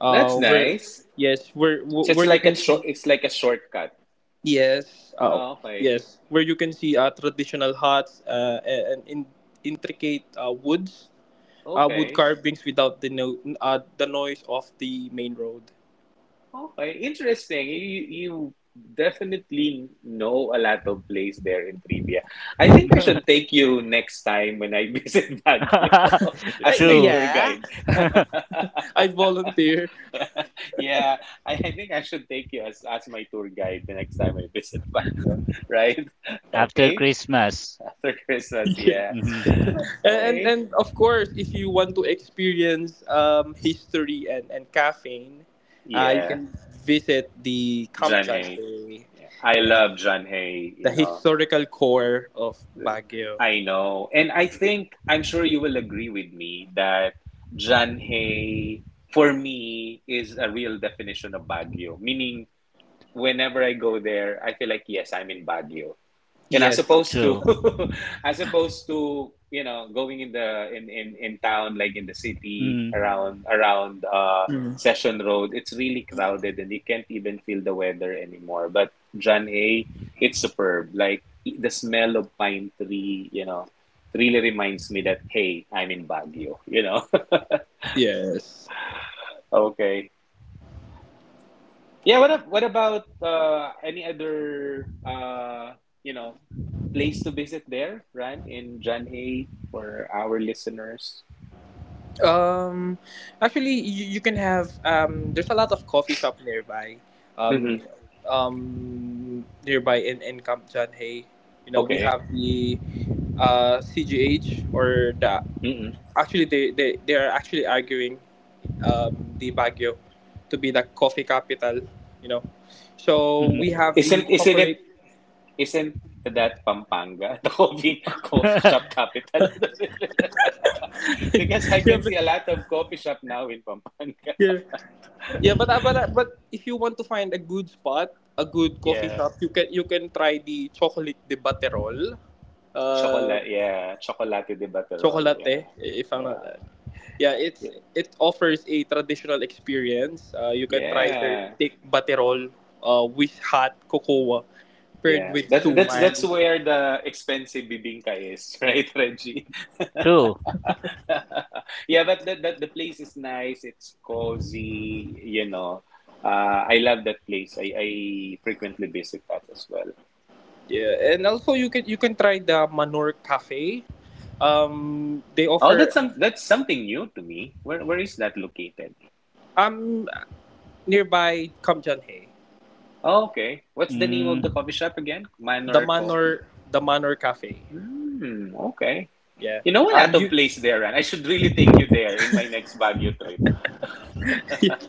C: uh,
A: That's
C: where
A: nice. So
C: where you can see
A: it's like a shortcut.
C: yes oh
A: Ah, okay.
C: yes where you can see traditional huts intricate wood
A: Okay.
C: carvings without the the noise of the main road
A: Okay. Interesting. You definitely know a lot of place there in Trivia. I think I should take you next time when I visit Baguio as my
B: True.
A: tour
C: yeah.
A: guide.
C: I volunteer.
A: Yeah, I think I should take you as my tour guide the next time I visit Baguio, right?
B: After
A: Okay,
B: Christmas.
A: after Christmas, yeah.
B: Hmm.
C: And
A: Okay,
C: and of course, if you want to experience history and caffeine, you
A: yeah,
C: can visit the
A: John Hay.
C: Kamchanpe,
A: Yeah. I
C: yeah,
A: love John Hay,
C: the
A: you know.
C: historical core of Baguio.
A: I know, and I think I'm sure you will agree with me that John Hay, for me, is a real definition of Baguio. Meaning, whenever I go there, I feel like yes, I'm in Baguio. And as
C: Yes.
A: opposed to
B: True.
A: As opposed to going in town, like in the city
B: Hmm.
A: around
C: Mm.
A: Session Road. It's really crowded, and you can't even feel the weather anymore. But John Hay, it's superb, like the smell of pine tree really reminds me that, hey, I'm in Baguio.
C: Yes.
A: Okay. Yeah, what about any other place to visit there, Ran, in Janhay for our listeners?
C: Um, actually, you can have. There's a lot of coffee shop nearby. Um,
A: Hmm.
C: Nearby in Kamchanpe, you know, we
A: Okay.
C: have the CGH or the.
A: Mm-mm.
C: Actually, they are actually arguing the Baguio to be the coffee capital, you know. So we
B: Hmm.
C: have the
A: Isn't isn't it
C: chocolate.
A: isn't that Pampanga the coffee coffee shop capital? Because I
C: yeah,
A: can
C: but,
A: see a lot of coffee shop now in Pampanga.
C: yeah, yeah. But if you want to find a good spot, a good coffee
A: Yeah,
C: shop, you can try the chocolate de Baterol. Uh,
A: chocolate. Yeah, chocolate de Baterol.
C: Chocolate,
A: Yeah,
C: eh, if I'm not
A: yeah,
C: that. Yeah,
A: yeah.
C: it's it offers a traditional experience. You can try their
A: Yeah.
C: thick baterol with hot cocoa paired
A: Yeah,
C: with
A: that's
C: suman.
A: where the expensive bibingka is, right, Reggie?
B: True.
A: Yeah, but that the place is nice. It's cozy. I love that place. I frequently visit that as well.
C: Yeah, and also you can try the Manor Cafe. They
A: Oh,
C: offer
A: that's something new to me. Where is that located?
C: um Nearby Kamjanhe,
A: Oh, okay. What's the name of
B: Mm.
A: the coffee shop again? Manor Coffee.
C: The Manor Cafe.
A: Hmm. Okay.
C: Yeah.
A: You know what? Out of
C: You,
A: place there, and I should really take you there in my next Baguio trip.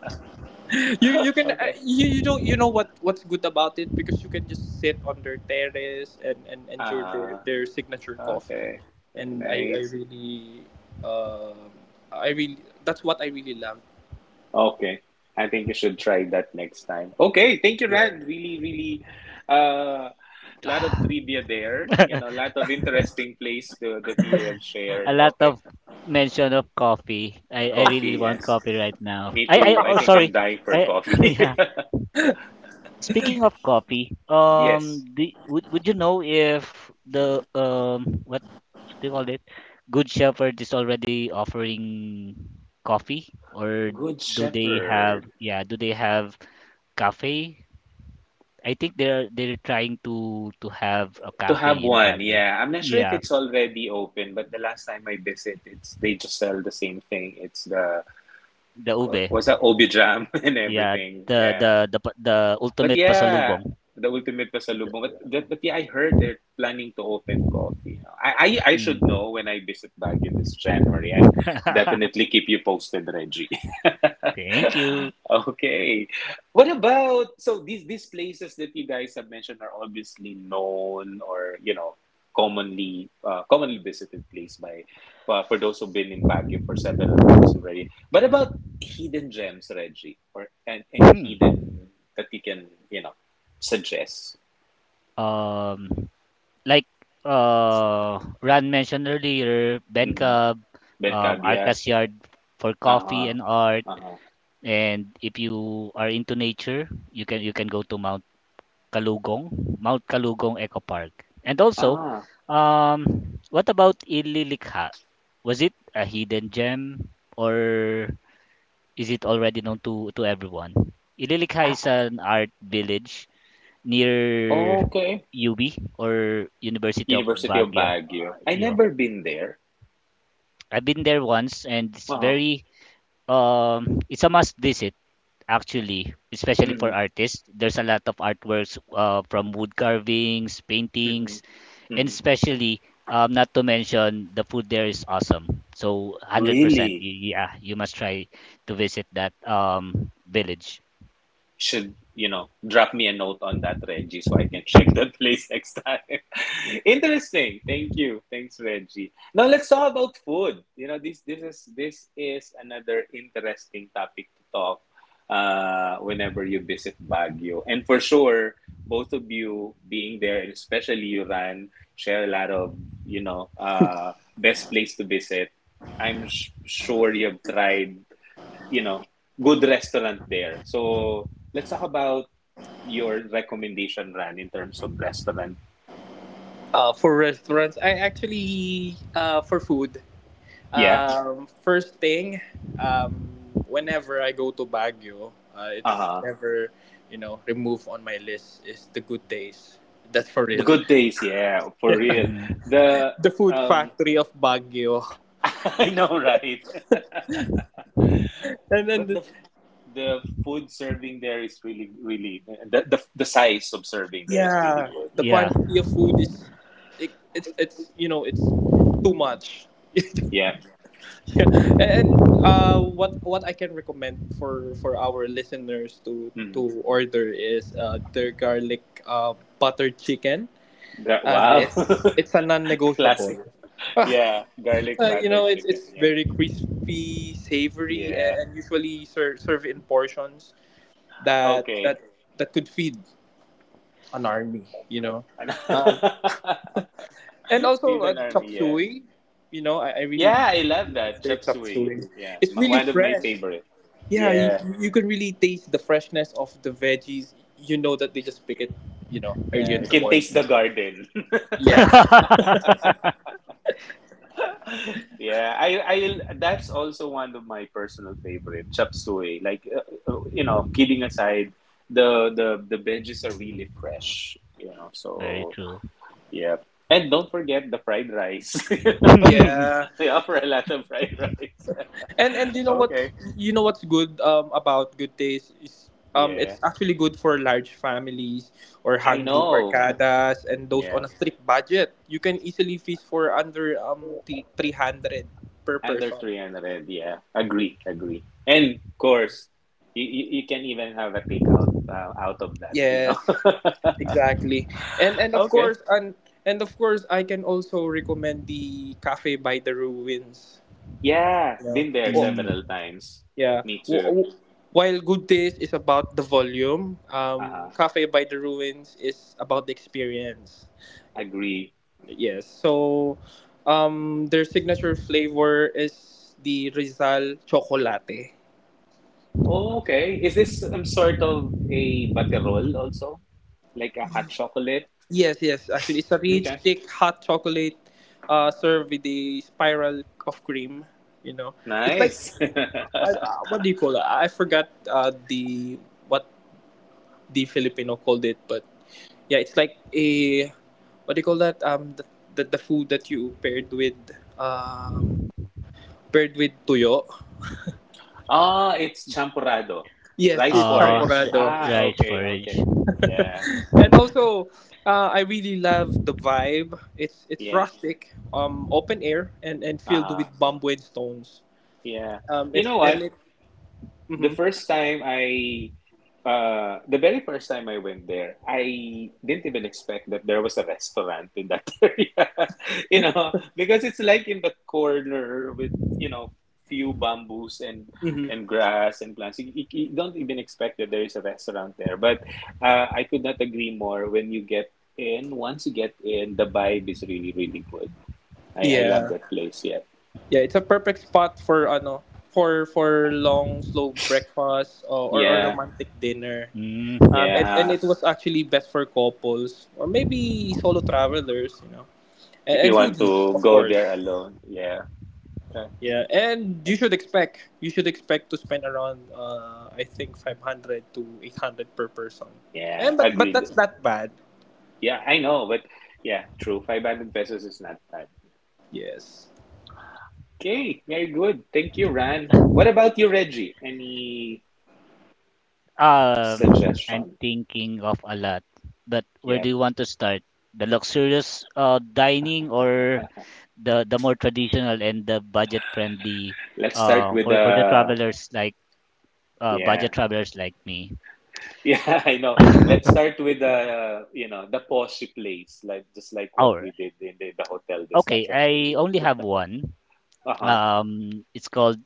C: you can
A: Okay.
C: you don't you know what what's good about it because you can just sit on their terrace and enjoy
A: Ah,
C: their signature coffee
A: okay. Very
C: and I
A: nice.
C: really um i really that's what I really love
A: Okay. I think you should try that next time. Okay, thank you,
C: yeah.
A: Rand. Really, really uh
B: A
A: lot of trivia there. You know, lot of interesting place that you have shared.
B: lot
A: Okay.
B: of mention of coffee. I really
A: Coffee,
B: want
A: yes.
B: coffee right now.
A: Me
B: I
A: too. I
B: Oh,
A: think
B: sorry.
A: I'm dying for
B: I.
A: coffee.
B: Yeah. Speaking of coffee,
A: Yes.
B: do, would you know if the, what do you call it, Good Shepherd is already offering coffee, or
A: Good
B: do they have
A: Shepherd.
B: yeah, do they have cafe? I think they're trying to have a
A: To have
B: cafe in
A: one,
B: Baguio.
A: yeah. I'm not sure if
B: Yeah,
A: it's already open, but the last time I visited, it's they just sell the same thing. It's the
B: the
A: wa-
B: ube.
A: was a Obi Jam and
B: Yeah,
A: everything.
B: the the
A: Yeah.
B: the pa- the
A: But
B: ultimate
A: yeah,
B: pasalubong.
A: the ultimate
B: The-
A: pasalubong. But yeah, I heard they're planning to open coffee. I should
B: mm.
A: know when I visit Baguio this January and definitely keep you posted, Reggie.
B: Thank you.
A: Okay. What about, so these places that you guys have mentioned are obviously known, or, you know, commonly commonly visited place by for those who've been in Baguio for several times already. But about hidden gems, Reggie, or and
B: Hmm.
A: hidden that you can, you know, suggest?
B: Um. Like Ran mentioned earlier,
A: Mm-hmm.
B: Bencab,
A: Ben Cabia.
B: Arcas Yard for coffee
A: Uh-huh.
B: and art.
A: Uh-huh.
B: And if you are into nature, you can go to Mount Kalugong, Mount Kalugong Eco Park. And also,
A: Ah.
B: um, what about Ililikha? Was it a hidden gem, or is it already known to everyone? Ililikha
A: Ah.
B: is an art village near
A: Okay.
B: UB, or University of
A: University of
B: Baguio.
A: Baguio. I never been there.
B: I've been there once, and it's
A: Uh-huh.
B: very um it's a must visit, actually, especially for
A: Mm-hmm.
B: artists. There's a lot of artworks, from wood carvings,
A: Mm-hmm.
B: paintings, and
A: Mm-hmm.
B: especially, not to mention, the food there is awesome. So 100%,
A: Really?
B: yeah, you must try to visit that village.
A: Should drop me a note on that, Reggie, so I can check that place next time. Interesting. Thank you. Thanks, Reggie. Now let's talk about food. You know, this is another interesting topic to talk. Whenever you visit Baguio, and for sure, both of you being there, and especially you, Ran, share a lot of, best place to visit. I'm sure you've tried, you know, good restaurant there. So let's talk about your recommendation, Ran, in terms of restaurant.
C: For restaurants I actually for food
A: Yeah.
C: first thing um whenever I go to Baguio, it's
A: Uh-huh.
C: never you know remove on my list is the good days. That's for
A: The
C: real.
A: good days, yeah, for
C: Yeah.
A: real.
B: Mhm.
A: The
C: The food
A: um
C: factory of Baguio.
A: I know, right?
C: And then,
A: But
C: the,
A: the food serving there is really, really the size of serving there is really
C: yeah,
A: good,
C: the
A: you
B: Yeah.
A: know.
C: quantity of food is, it's, you know, it's too much. Yeah.
A: Yeah.
C: And what I can recommend for our listeners to
A: Mm.
C: order is their garlic butter chicken.
A: That, wow.
C: It's a
A: Classic.
C: non-negotiable.
A: Yeah, garlic
C: You know,
A: battered chicken.
C: it's
A: Yeah.
C: very crispy, savory,
A: Yeah.
C: and usually serve in portions that that
A: Okay.
C: that could feed an army, you know. Uh, and also
A: Hidden Army,
C: chop
A: yeah.
C: suey, you know, I really
A: Yeah, I love that.
C: love their
A: Chop
C: chop
A: suey.
C: suey.
A: Yeah,
C: It's really
A: one of my
C: fresh.
A: favorite.
C: Yeah,
A: Yeah,
C: you can really taste the freshness of the veggies. You know that they just pick it, you know, early
A: yeah.
C: in
A: You
C: the
A: can taste
C: morning.
A: the garden.
C: Yeah,
A: Yeah, that's also one of my personal favorite. Chop suey. Kidding aside, the veggies are really fresh,
B: Very
A: so,
B: true.
A: yeah. And don't forget the fried rice.
C: yeah.
A: They offer a lot of fried rice.
C: And
A: Okay.
C: you know what's good about good days is
A: Yeah,
C: it's actually good for large families or
A: I
C: hungry
A: know.
C: barcadas and those on
A: Yeah.
C: a strict budget. You can easily feast for under 300 per
A: Under
C: person.
A: 300, yeah. Agree, agree. And of course, you can even have a takeout out of that.
C: Yes, exactly. And and of
A: Okay.
C: course and and of course I can also recommend the cafe by the ruins.
A: Yeah,
C: You know,
A: been there
C: well,
B: Mm,
A: several times.
C: yeah.
A: Me
C: W-
A: too.
C: w- while Good Days is about the volume,
A: Uh-huh.
C: Cafe by the Ruins is about the experience.
A: Agree.
C: Yes. So, their signature flavor is the Rizal Chocolate.
A: Oh, okay. Is this some sort of a butterol also? Like a hot chocolate?
C: Yes, yes. Actually, it's a rich,
A: Okay.
C: thick, hot chocolate served with a spiral of cream. You know, it's like
A: Nice.
C: what do you call it? I forgot the what the Filipino called it. But yeah, it's like a what do you call that? The food that you um paired with tuyo.
A: Ah, it's champurrado.
C: Yes,
A: Rice
C: it's
A: porridge.
B: the
C: champorado.
A: Ah,
B: rice
A: okay,
B: porridge.
A: okay. Yeah,
C: And also, I really love the vibe. It's
A: yeah.
C: rustic, open air, and filled
A: Uh,
C: with bamboo and stones.
A: yeah. You
C: It's
A: know what?
C: and it.
A: the
C: Mm-hmm,
A: first time I the very first time I went there, I didn't even expect that there was a restaurant in that area. You know, because it's like in the corner with, you know, few bamboos and
C: mm-hmm.
A: and grass and plants. You don't even expect that there is a restaurant there. But I could not agree more when you get in. Once you get in, the vibe is really, really good. I love
C: Yeah,
A: that place, yeah.
C: yeah. It's a perfect spot for ano for long slow breakfast or
A: Yeah,
C: romantic dinner.
B: Mm.
C: And
A: yeah.
C: it was actually best for couples or maybe solo travelers, you know,
A: If
C: and
A: you want
C: foodies,
A: to
C: of
A: go there
C: course.
A: alone, yeah. Okay.
C: Yeah, and you
A: That's,
C: should expect to spend around I think 500 to 800 per person,
A: yeah,
C: and but that's
A: agreed.
C: not bad.
A: Yeah, I know, but yeah, true. ₱500 is not bad.
C: Yes,
A: Okay, very good. Thank you, Ran. What about you, Reggie? Any
B: um, I'm
A: suggestion?
B: thinking of a lot, but where
A: Yeah.
B: do you want to start? The luxurious dining, or the more traditional and the budget friendly,
A: Let's start with
B: for the travelers, like,
A: yeah.
B: budget travelers like me.
A: Yeah, I know. Let's start with the poshy place, just like what we
B: Alright.
A: did in the hotel
B: Okay,
A: discussion
B: I
A: earlier.
B: only have one.
A: Uh-huh.
B: It's called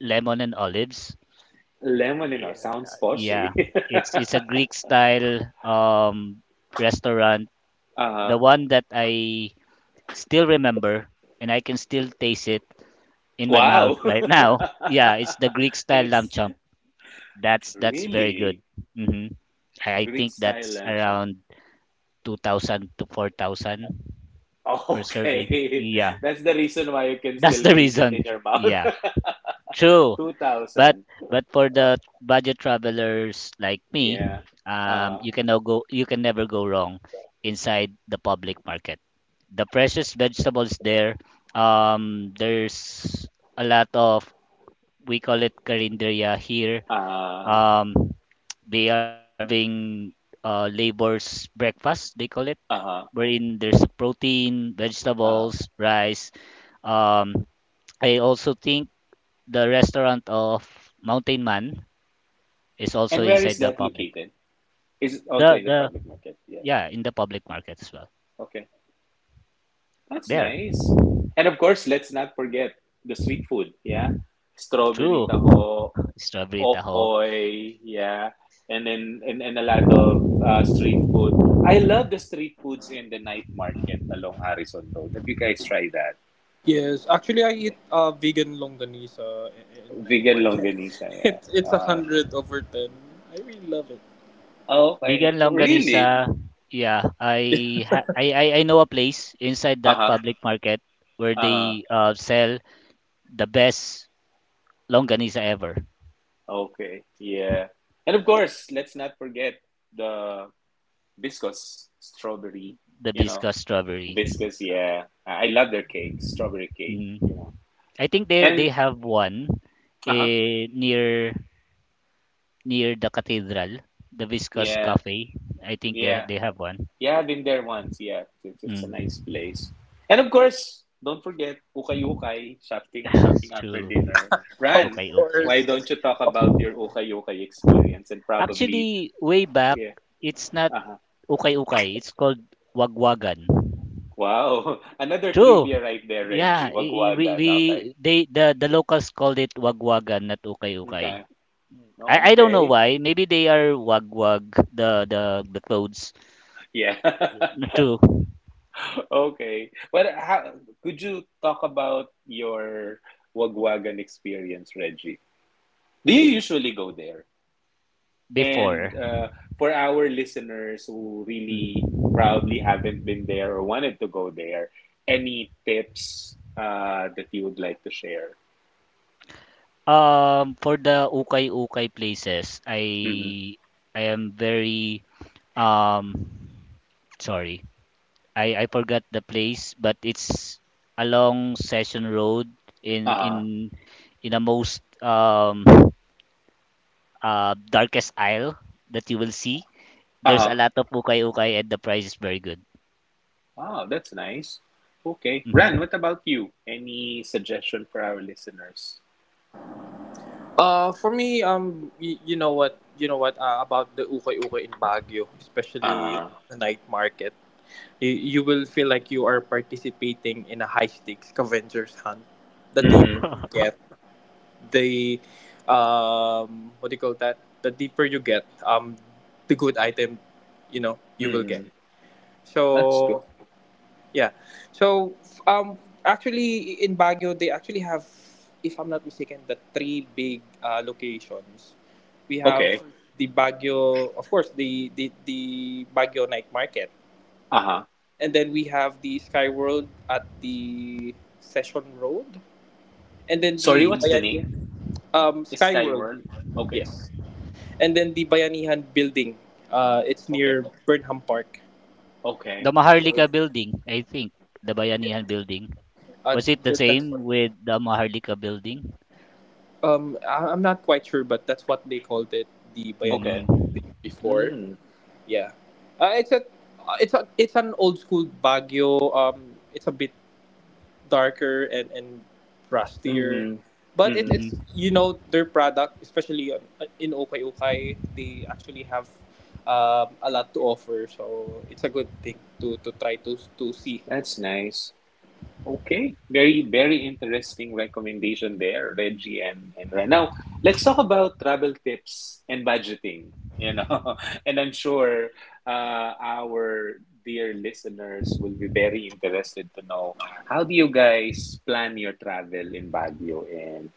B: Lemon and Olives.
A: Lemon,
B: Yeah,
A: sounds
B: yeah.
A: poshy.
B: It's a Greek style restaurant. The
A: Uh-huh.
B: one that I still remember and I can still taste it in my mouth
A: Wow.
B: right now. Yeah, it's the Greek
A: And
B: style lamb
A: it's
B: chop. That's very good.
A: really.
B: Mm-hmm. I
A: Greek
B: think
A: style
B: that's
A: lamb chop.
B: around 2,000 to 4,000 per serving.
A: Okay,
B: Yeah,
A: that's the reason why you can
B: that's
A: still
B: the
A: taste it
B: reason.
A: in your mouth.
B: Yeah, true.
A: Two
B: But
A: thousand.
B: but for
A: Oh,
B: the budget travelers like me,
A: yeah. Uh,
B: you can never go wrong inside the public market. The precious vegetables there, there's a lot of, we call it carinderia here.
A: uh,
B: Um, they are serving, labor's breakfast, they call it,
A: uh,
B: wherein there's protein,
A: uh.
B: vegetables, rice. Um, I also think the restaurant of Mountain Man is also
A: And where is
B: inside the
A: that
B: public.
A: located? Is it also in the
B: The
A: public market? Yeah.
B: yeah, in the public market as well.
A: Okay, that's
B: There.
A: nice. And of course, let's not forget the sweet food. Yeah, strawberry
B: True.
A: taho,
B: Strawberry taho.
A: Okoy, yeah, and then and a lot of street food. I love the street foods in the night market along Harrison Road. Have you guys tried that?
C: yes. Actually, I eat vegan longganisa in like my,
A: Vegan longanisa, yeah.
C: it's a hundred over ten. I really love it.
A: Okay,
B: Vegan longganisa.
A: really?
B: Yeah, I ha- I know a place inside that
A: Uh-huh,
B: public market where
A: uh-huh.
B: they, sell the best longganisa ever,
A: Okay, yeah. And of course, let's not forget the viscous strawberry,
B: the
A: you know,
B: Biscos strawberry.
A: viscous, yeah. I love their cake, strawberry cake,
B: Mm.
A: you know.
B: I think they
A: And,
B: have one,
A: uh-huh,
B: eh, near near the cathedral, the Viscos
A: yeah.
B: Cafe. I think they
A: Yeah,
B: they have one.
A: yeah, I've been there once. Yeah, it's a
B: Mm.
A: nice place. And of course, don't forget ukay-ukay, shopping,
B: It's
A: shopping after
B: true.
A: dinner.
C: Of
A: Ran,
B: Okay, okay.
A: why
C: course,
A: don't you talk about your ukay-ukay experience and probably,
B: Actually, way back,
A: yeah,
B: it's not
A: uh-huh.
B: ukay-ukay. It's called wagwagan.
A: Wow, another
B: True.
A: trivia right there,
B: Yeah,
A: Reggie.
B: I-
A: Wagwagan,
B: we
A: okay.
B: they the locals called it wagwagan, not ukay-ukay.
A: Okay.
B: I
A: No?
B: I don't know
A: Okay.
B: why. Maybe they are wagwag the clothes.
A: Yeah.
B: True.
A: Okay. Well, how, could you talk about your wagwagan experience, Reggie? Do you usually go there? And
B: Before.
A: for our listeners who really
B: Mm.
A: probably haven't been there or wanted to go there, any tips that you would like to share?
B: For the ukay-ukay places,
A: Mm-hmm.
B: I am very um sorry. I forgot the place, but it's along Session Road in in
A: Uh-huh.
B: in the most darkest aisle that you will see. There's a
A: Uh-huh.
B: lot of ukay-ukay, and the price is very good.
A: Oh, that's nice. Okay. Ran,
B: Mhm.
A: what about you? Any suggestion for our listeners?
C: For me, you know what about the ukoy-ukoy in Baguio, especially
A: Uh,
C: the night market. You will feel like you are participating in a high-stakes scavenger's hunt. The deeper
A: mm-hmm.
C: you get, the what do you call that? The deeper you get, the good item, you know, you will get.
A: Mm-hmm. That's good.
C: So yeah. So um, actually, in Baguio, they actually have, if I'm not mistaken, the three big locations. We have
A: Okay.
C: the Baguio, of course, the Baguio night market,
A: Uh-huh.
C: and then we have the Sky World at the Session Road, and then
A: Sorry,
C: the
A: what's the
B: Mhm.
C: Bayani
A: name? Is
C: Sky
A: Sky
C: World,
A: World. Okay.
C: yes, and then the Bayanihan Building. It's
A: Okay.
C: near Burnham Park.
A: Okay.
B: The Maharlika building, I think, the Bayanihan building.
C: Uh,
B: Was it the
C: that's
B: same
C: one.
B: with the Maharlika building?
C: I'm not quite sure, but that's what they called it, the Bayanihan
A: Okay.
B: Mm.
C: building before.
A: Mm.
C: Yeah, uh, it's a, it's a, it's an old school Baguio. It's a bit darker and rustier,
A: Mm-hmm.
C: but
A: Mm-hmm.
C: it's
B: Mhm.
C: you know their product, especially in Okay Okay, they actually have a lot to offer. So it's a good thing to try to see.
A: That's nice. Okay. Very, very interesting recommendation there, Reggie, and Ren. Now, let's talk about travel tips and budgeting, you know. And I'm sure our dear listeners will be very interested to know how do you guys plan your travel in Baguio? And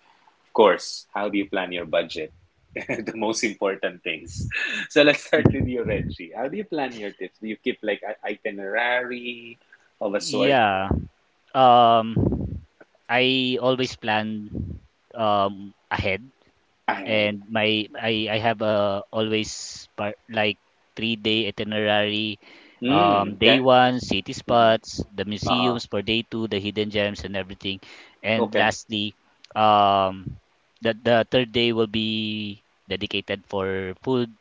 A: of course, how do you plan your budget? The most important things. So let's start with
B: Mhm.
A: you, Reggie. How do you plan your tips? Do you keep like a itinerary of a sort?
B: Yeah. Um, I always plan, ahead,
A: Ay,
B: and my I have a always part like 3-day itinerary.
A: hmm, okey.
B: Day one, city
A: Mhm,
B: spots; the
A: oo,
B: museums for day two, the hidden gems and everything; and
A: okey.
B: lastly, um, the third day will be dedicated for food,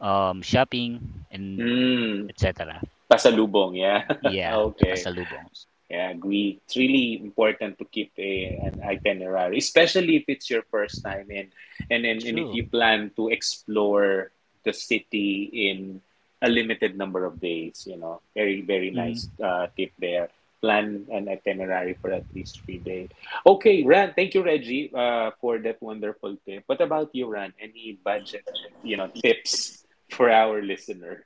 B: shopping, and
A: Hmm,
B: etc.
A: pasalubong, yeah,
B: Yeah, the
A: okay.
B: pasalubongs.
A: Yeah, I agree. It's really important to keep a an itinerary, especially if it's your first time and if
B: True.
A: you plan to explore the city in a limited number of days. Very, very nice
B: Mm.
A: tip there. Plan an itinerary for at least 3 days. Okay, Ran, thank you, Reggie, for that wonderful tip. What about you, Ran? Any budget, tips for our listener?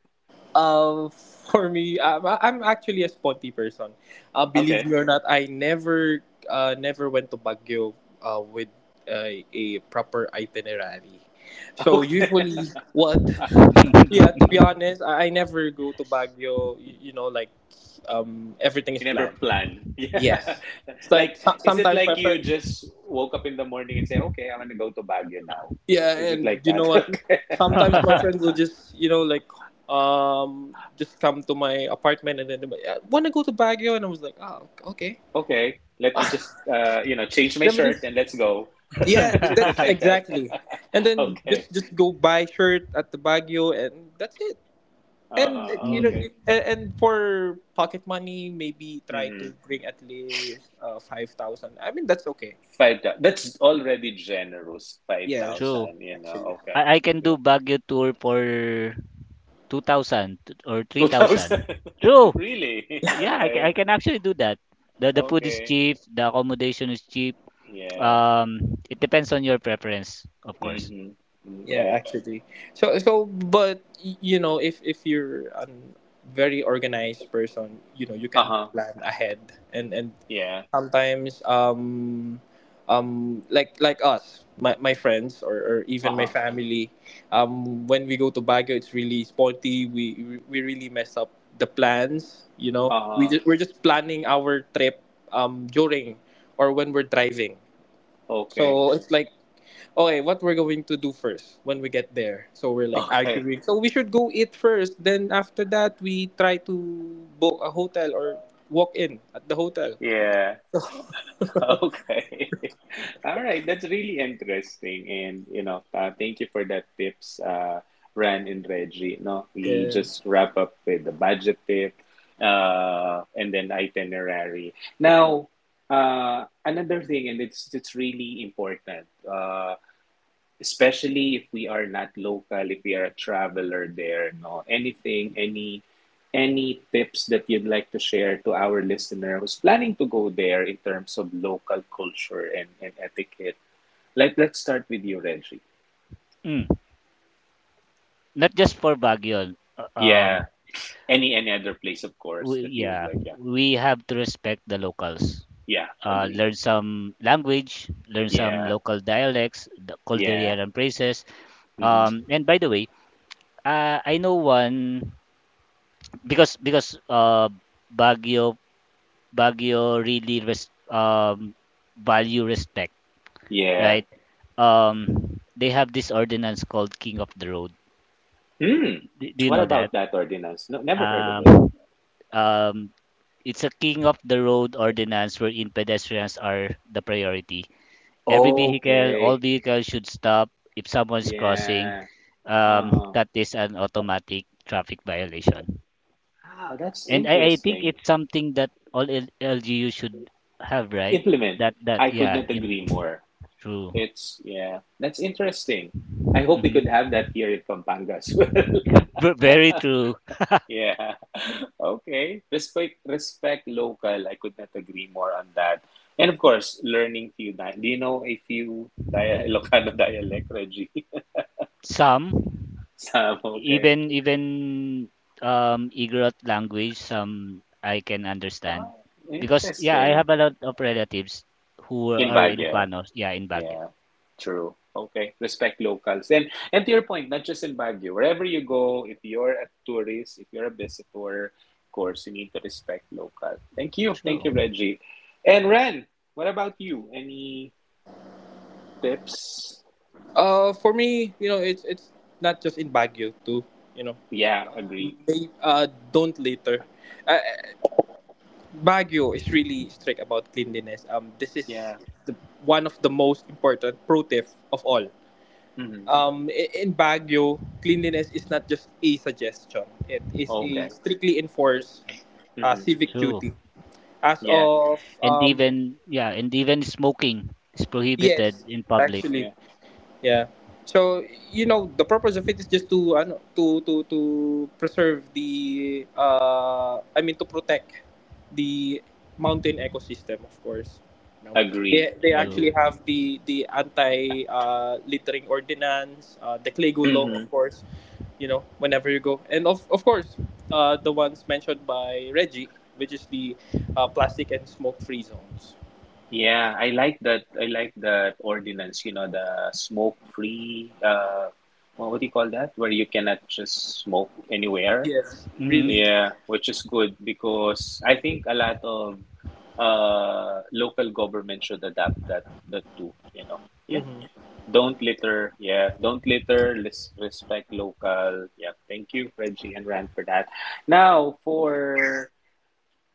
C: For me, I'm actually a sporty person. Believe
A: Okay.
C: me or not, I never never went to Baguio with a proper itinerary. So
A: Okay.
C: usually, what? Yeah, to be honest, I never go to Baguio. You know, like everything is
A: You never
C: planned.
A: plan. Yeah.
C: Yes, it's
A: Like,
C: like
A: is it
C: sometimes my
A: like you
C: friend.
A: just woke up in the morning and say, okay, I'm going to go to Baguio now?
C: Yeah,
A: Is it
C: and
A: like
C: you know
A: that?
C: what?
A: Okay.
C: Sometimes my friends will just, you know, like, just come to my apartment and then they're like, "Yeah, wanna go to Baguio?" And I was like, oh, okay.
A: Okay. Let me just, change my
C: Let me
A: shirt
C: just.
A: and let's go.
C: Yeah,
A: Is it
C: that's
A: like that?
C: exactly. And then
A: Okay.
C: just go buy shirt at the Baguio and that's it. And you know,
B: Mm,
A: Okay.
C: and for pocket money, maybe try to
A: Mm-hmm.
C: bring at least 5,000. I mean, that's okay.
A: 5,000. That's already generous. Five
C: Yes,
B: true.
A: thousand, you
C: actually.
A: know. Okay.
B: I can
A: Yeah.
B: do Baguio tour for 2,000 or
A: Two
B: 3,000.
A: thousand.
B: True.
A: Really?
B: Yeah, I
A: Okay.
B: can actually do that. The food is
A: Okay.
B: cheap, the accommodation is cheap.
A: Yeah.
B: It depends on your preference, of course.
A: Mm-hmm.
C: Yeah,
A: Okay.
C: actually. So so but you know, if you're a very organized person, you know, you can
A: Uh-huh.
C: plan ahead and
A: Yeah.
C: sometimes like us, my friends or even my
A: Uh-huh.
C: family, when we go to Baguio it's really sporty. We really mess up the plans, you know.
A: Uh-huh.
C: We're just planning our trip during or when we're driving
A: Okay.
C: so it's like, okay, what we're going to do first when we get there. So we're like
A: Okay.
C: arguing. So we should go eat first. Then after that, we try to book a hotel or walk in at the hotel.
A: Yeah. Okay. All right. That's really interesting. And, thank you for that tips, Ran and Reggie. No, we
C: Yeah.
A: just wrap up with the budget tip, and then itinerary. Now, another thing, and it's really important. uh. Especially if we are not local, if we are a traveler there, no, anything, any tips that you'd like to share to our listener who's planning to go there in terms of local culture and etiquette? Like let's start with you, Reggie.
B: Mm. Not just for Baguio. uh, Um,
A: Yeah. Any other place of course
B: we,
A: that you would
B: yeah,
A: like, yeah.
B: we have to respect the locals.
A: Yeah, agree.
B: Learn some language, learn some
A: Yeah,
B: local dialects, the
A: yeah,
B: Cordilleran phrases.
A: mhm,
B: And by the way, I know one, because Baguio Baguio really res value respect,
A: yeah.
B: right? They have this ordinance called King of the Road.
A: Hmm.
B: Do you
A: What
B: know that?
A: about that ordinance? No, never heard of it.
B: Um um it's a King of the Road ordinance wherein pedestrians are the priority. Every vehicle, all
A: Okay.
B: vehicles should stop if someone is crossing.
A: Yeah. Uh-huh.
B: That is an automatic traffic violation.
A: Wow, that's
B: And I think
A: interesting.
B: it's something that all LGU should have, right?
A: Implement.
B: That that
A: I could
B: yeah,
A: not
B: im-
A: agree more.
B: true.
A: Yeah, that's interesting. I hope we
B: Hmm.
A: could have that here in Pampanga as well.
B: Very true.
A: Yeah. Okay. Respect, respect local. I could not agree more on that. And of course, learning few. Do you know a few dia Ilocano dialect, Reggie?
B: Some
A: Some, okay.
B: even Igorot language, some I can understand,
A: Wow,
B: because yeah, I
A: interesting.
B: have a lot of relatives who
A: In
B: are
A: Baguio.
B: Ilocanos, yeah, in Baguio.
A: Yeah, true. Okay, respect locals. And to your point, not just in Baguio, wherever you go, if you're a tourist, if you're a visitor, of course, you need to respect local. Thank you. Thank
B: True,
A: you, Reggie. And Ren, what about you? Any tips?
C: For me, you know, it's not just in Baguio too. You know,
A: Yeah, agree.
C: they don't litter. Uh, Baguio is really strict about cleanliness. This is
A: Yeah.
C: the, one of the most important pro tip of all.
A: Mm-hmm.
C: In Baguio, cleanliness is not just a suggestion. It is a
A: Okay.
C: strictly enforced
A: Mm-hmm.
C: civic
B: true.
C: duty. As
A: Yeah,
C: of,
B: And even yeah, and even smoking is prohibited
C: yes,
B: in public.
C: actually,
A: yeah.
C: yeah. So you know the purpose of it is just to ano, to preserve the I mean to protect the mountain ecosystem of course. You know,
A: Agree.
C: they
B: True.
C: actually
A: Agree.
C: have the anti littering ordinance, the Clego law of
A: Mm-hmm.
C: course. You know whenever you go and of course the ones mentioned by Reggie, which is the plastic and smoke free zones.
A: Yeah, I like that. I like that ordinance, the smoke free, what do you call that? Where you cannot just smoke anywhere.
C: Yes,
B: Hmm.
C: really.
A: Yeah, which is good because I think a lot of local government should adapt that too, you know. Yeah,
C: Mhm.
A: don't litter. Yeah, don't litter. Let's respect local. Yeah, thank you, Reggie and Rand, for that. Now for.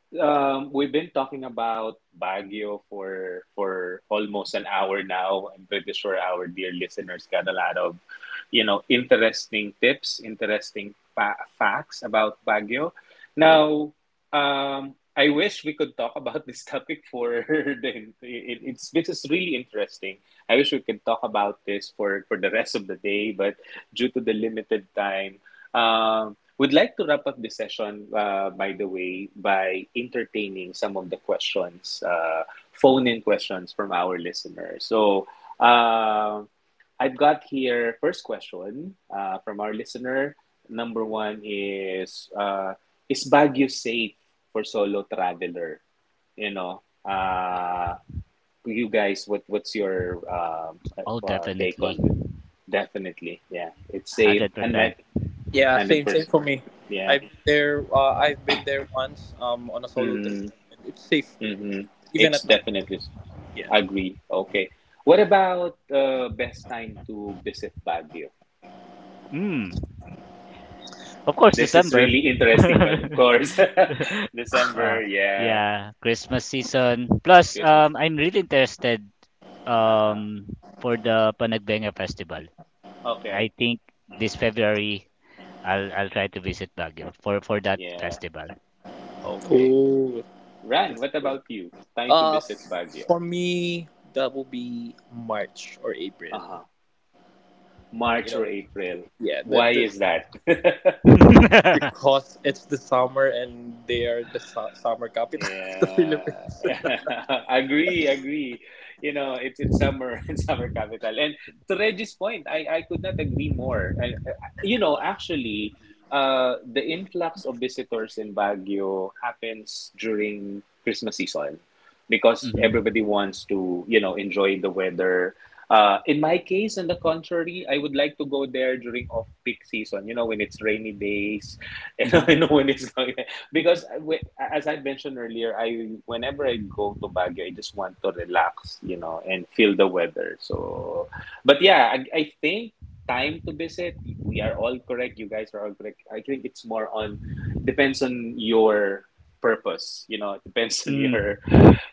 A: We've been talking about Baguio for almost an hour now. I'm pretty sure our dear listeners got a lot of, you know, interesting tips, interesting fa facts about Baguio. Now, I wish we could talk about this topic for the it, it's this is really interesting. I wish we could talk about this for the rest of the day, but due to the limited time. Would like to wrap up this session, by the way, by entertaining some of the questions, phone-in questions from our listeners. So, uh, I've got here first question from our listener. Number one is Baguio safe for solo traveler? You know, you guys, what's your
B: Oh,
A: take on
B: definitely,
A: this? Definitely, yeah, it's safe
B: hundred
A: and
B: percent.
A: like
C: Yeah,
A: one hundred
C: same same
A: percent,
C: for me.
A: yeah.
C: I've been there. I've been there once on a solo trip.
A: Mm-hmm.
C: And it's safe
A: Mm-hmm.
C: even
A: It's
C: at night.
A: definitely s-
C: Yeah.
A: agree. Okay. What about best time to visit Baguio?
B: Mm. Of course,
A: This is
B: December.
A: really interesting question. Of course,
B: uh,
A: December. Yeah,
B: yeah, Christmas season. Plus,
A: Christmas.
B: I'm really interested,
A: Uh-huh.
B: um for the Panagbenga Festival. I
A: Okay.
B: think this February I'll try to visit Baguio for that
A: Yeah.
B: festival.
A: Okay.
C: Oh,
A: Ran,
C: that's
A: what
C: cool.
A: about you? Time to
C: Uh,
A: visit Baguio.
C: for me, that will be March or April.
A: Uh-huh.
C: You
A: March or
C: know,
A: April.
C: yeah.
A: Why
C: The
A: is that?
C: Because it's the summer and they are the summer capital of the
A: Yeah,
C: Philippines.
A: agree, agree. You know, it's summer and summer capital. And to Reggie's point, I could not agree more. And you know, actually, the influx of visitors in Baguio happens during Christmas season because
B: Mhm.
A: everybody wants to, you know, enjoy the weather. In my case, on the contrary, I would like to go there during off-peak season. You know, when it's rainy days, and
B: Mhm.
A: you know when it's Because as I mentioned earlier, I whenever I go to Baguio, I just want to relax, you know, and feel the weather. So, but yeah, I think time to visit. We are all correct. You guys are all correct. I think it's more on depends on your purpose. You know, it depends on
B: Mhm.
A: your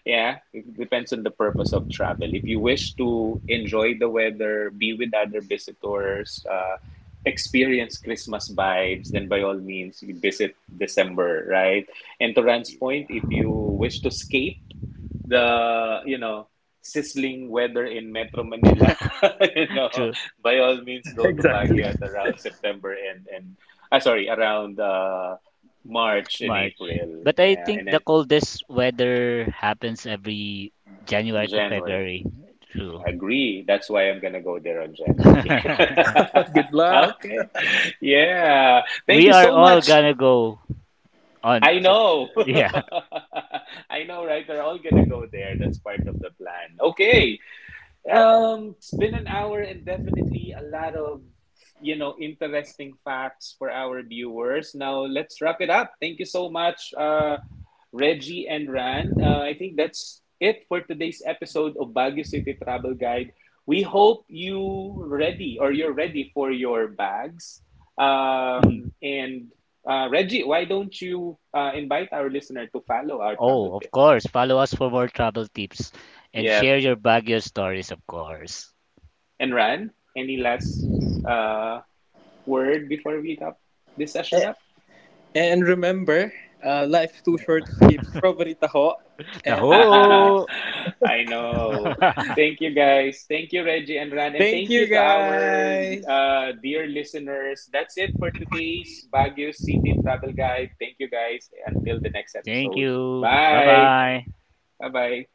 A: yeah, it depends on the purpose of travel. If you wish to enjoy the weather, be with other visitors, experience Christmas vibes, then by all means, you visit December, right? And to Rand's point, if you wish to escape the, you know, sizzling weather in Metro Manila, you know,
B: True,
A: by all means, go to Baguio at around September and ah, sorry, around March and
B: March.
A: April.
B: But I
A: Yeah, and
B: think the
A: then
B: coldest weather happens every January to
A: January.
B: February. True.
A: Agree. That's why I'm gonna go there on January.
C: Good luck.
A: Okay. Yeah. Thank
B: We
A: you
B: are
A: so
B: all
A: much.
B: gonna go. On
A: I
B: so,
A: know.
B: yeah.
A: I know, right? We're all gonna go there. That's part of the plan. Okay. It's been an hour and definitely a lot of, you know, interesting facts for our viewers. Now let's wrap it up. Thank you so much, Reggie and Ran. I think that's it for today's episode of Baguio City Travel Guide. We hope you ready or you're ready for your bags. And Reggie, why don't you invite our listener to follow our travel
B: Oh, of
A: tips?
B: course. Follow us for more travel tips and
A: Yeah.
B: share your Baguio stories, of course.
A: And Ran, any last uh, word before we wrap this session
C: Eh,
A: up?
C: And remember, life's too short to skip strawberry taho. And see you next
B: Taho!
C: time.
A: I know. Thank you, guys. Thank you, Reggie and Ran. And
C: Thank
A: thank you
C: you
A: to our
C: guys.
A: dear listeners. That's it for today's Baguio City Travel Guide. Thank you, guys. Until the next
B: Thank
A: episode.
B: you. Bye
A: Bye.
B: bye.
A: Bye bye.